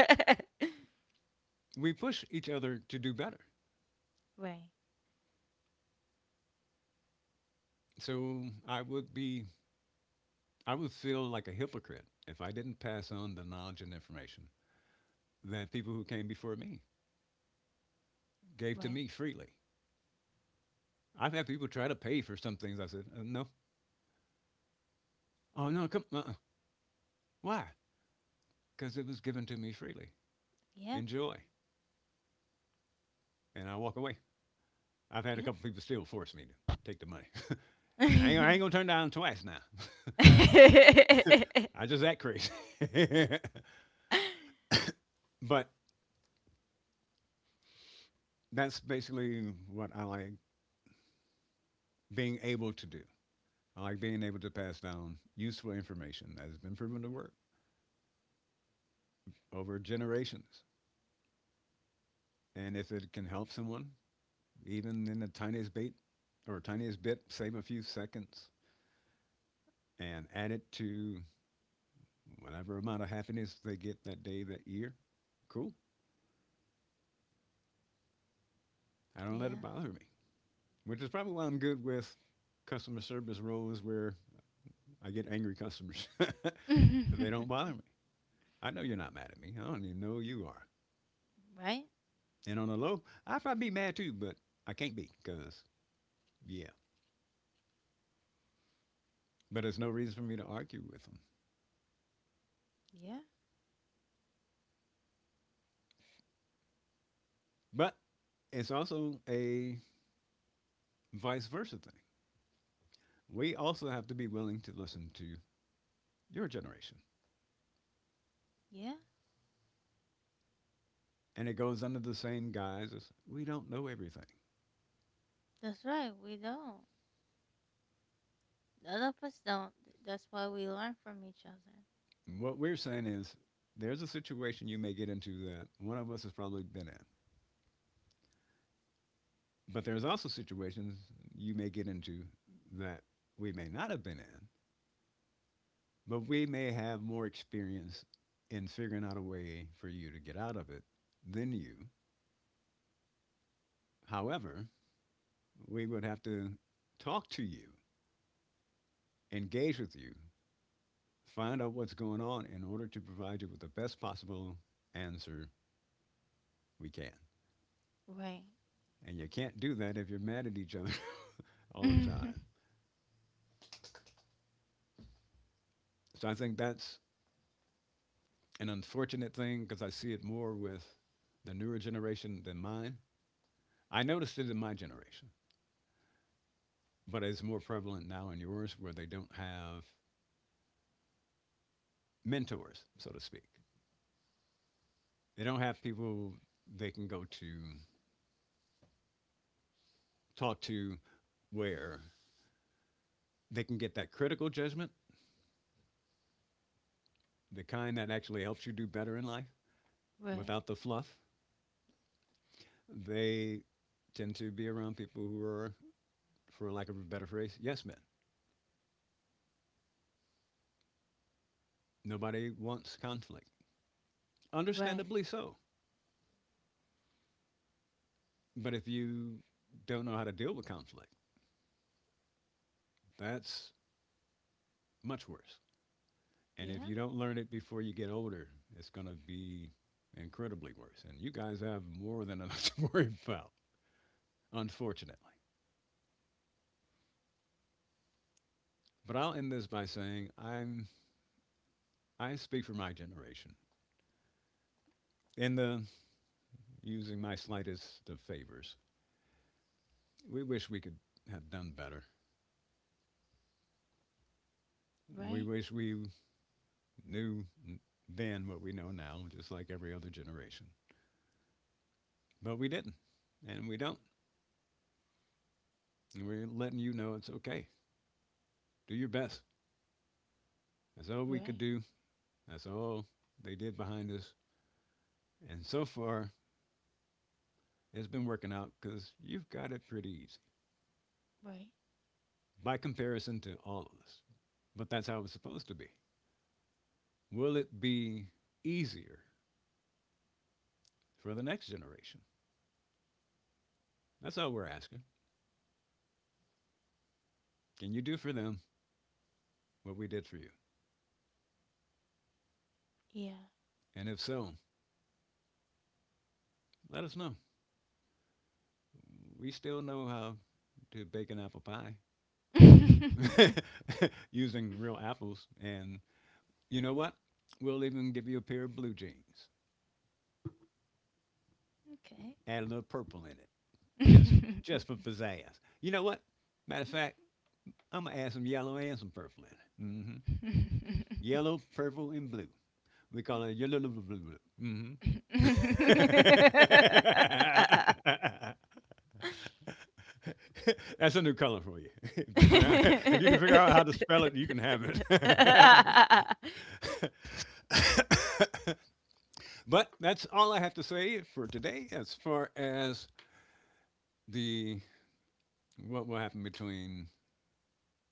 Speaker 2: We push each other to do better.
Speaker 1: Right.
Speaker 2: So I would feel like a hypocrite if I didn't pass on the knowledge and information that people who came before me gave to
Speaker 1: Right.
Speaker 2: me freely. I've had people try to pay for some things. I said, no. Oh, no, come, uh-uh. Why? Because it was given to me freely.
Speaker 1: Yeah.
Speaker 2: Enjoy. And I walk away. I've had a
Speaker 1: Yeah.
Speaker 2: couple people still force me to take the money. And I ain't gonna turn down twice now. I just act crazy. But that's basically what I like being able to do. I like being able to pass down useful information that has been proven to work over generations. And if it can help someone, even in the tiniest bit or tiniest bit, save a few seconds and add it to whatever amount of happiness they get that day, that year, cool. I don't let it
Speaker 1: Yeah.
Speaker 2: bother me, which is probably why I'm good with customer service roles where I get angry customers. They don't bother me. I know you're not mad at me. I don't even know you are.
Speaker 1: Right?
Speaker 2: And on the low, I probably be mad too, but I can't be because, yeah. But there's no reason for me to argue with them.
Speaker 1: Yeah.
Speaker 2: But it's also a vice versa thing. We also have to be willing to listen to your generation.
Speaker 1: Yeah.
Speaker 2: And it goes under the same guise as we don't know everything.
Speaker 1: That's right. We don't. None of us don't. That's why we learn from each other.
Speaker 2: What we're saying is there's a situation you may get into that one of us has probably been in. But there's also situations you may get into that we may not have been in, but we may have more experience in figuring out a way for you to get out of it than you. However, we would have to talk to you, engage with you, find out what's going on in order to provide you with the best possible answer we can.
Speaker 1: Right.
Speaker 2: And you can't do that if you're mad at each other all the time. So I think that's an unfortunate thing because I see it more with the newer generation than mine. I noticed it in my generation, but it's more prevalent now in yours, where they don't have mentors, so to speak. They don't have people they can go to, talk to, where they can get that critical judgment, the kind that actually helps you do better in life
Speaker 1: Right.
Speaker 2: without the fluff. They tend to be around people who are, for lack of a better phrase, yes men. Nobody wants conflict.
Speaker 1: Right.
Speaker 2: Understandably so. But if you don't know how to deal with conflict, that's much worse. And if you
Speaker 1: Yeah.
Speaker 2: don't learn it before you get older, it's going to be incredibly worse. And you guys have more than enough to worry about, unfortunately. But I'll end this by saying I speak for my generation. In the using my slightest of favors, we wish we could have done better. We
Speaker 1: Right.
Speaker 2: wish we knew then what we know now, just like every other generation. But we didn't, and we don't. And we're letting you know it's okay. Do your best. That's all we could
Speaker 1: Right.
Speaker 2: do. That's all they did behind us. And so far, it's been working out because you've got it pretty easy
Speaker 1: Right.
Speaker 2: by comparison to all of us. But that's how it's supposed to be. Will it be easier for the next generation? That's all we're asking. Can you do for them what we did for you?
Speaker 1: Yeah.
Speaker 2: And if so, let us know. We still know how to bake an apple pie
Speaker 1: Okay.
Speaker 2: using real apples and You know what? We'll even give you a pair of blue jeans. Add a little purple in it. Just just for pizzazz. You know what? Matter of fact, I'm gonna add some yellow and some purple in it. Hmm. Yellow, purple, and blue. We call it yellow, blue, blue, blue. Hmm. That's a new color for you. If you learn, how, if you can figure out how to spell it, you can have it. But that's all I have to say for today as far as the what will happen between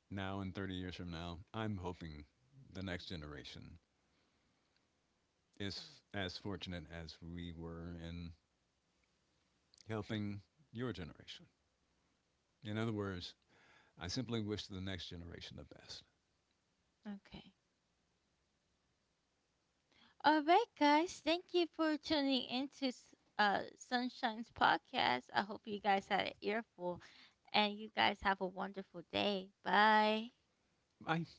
Speaker 2: now and 30 years from now. I'm hoping the next generation is as fortunate as we were in helping your generation. In other words, I simply wish the next generation the best.
Speaker 1: Okay. All right, guys. Thank you for tuning into Sunshine's podcast. I hope you guys had an earful, and you guys have a wonderful day. Bye.
Speaker 2: I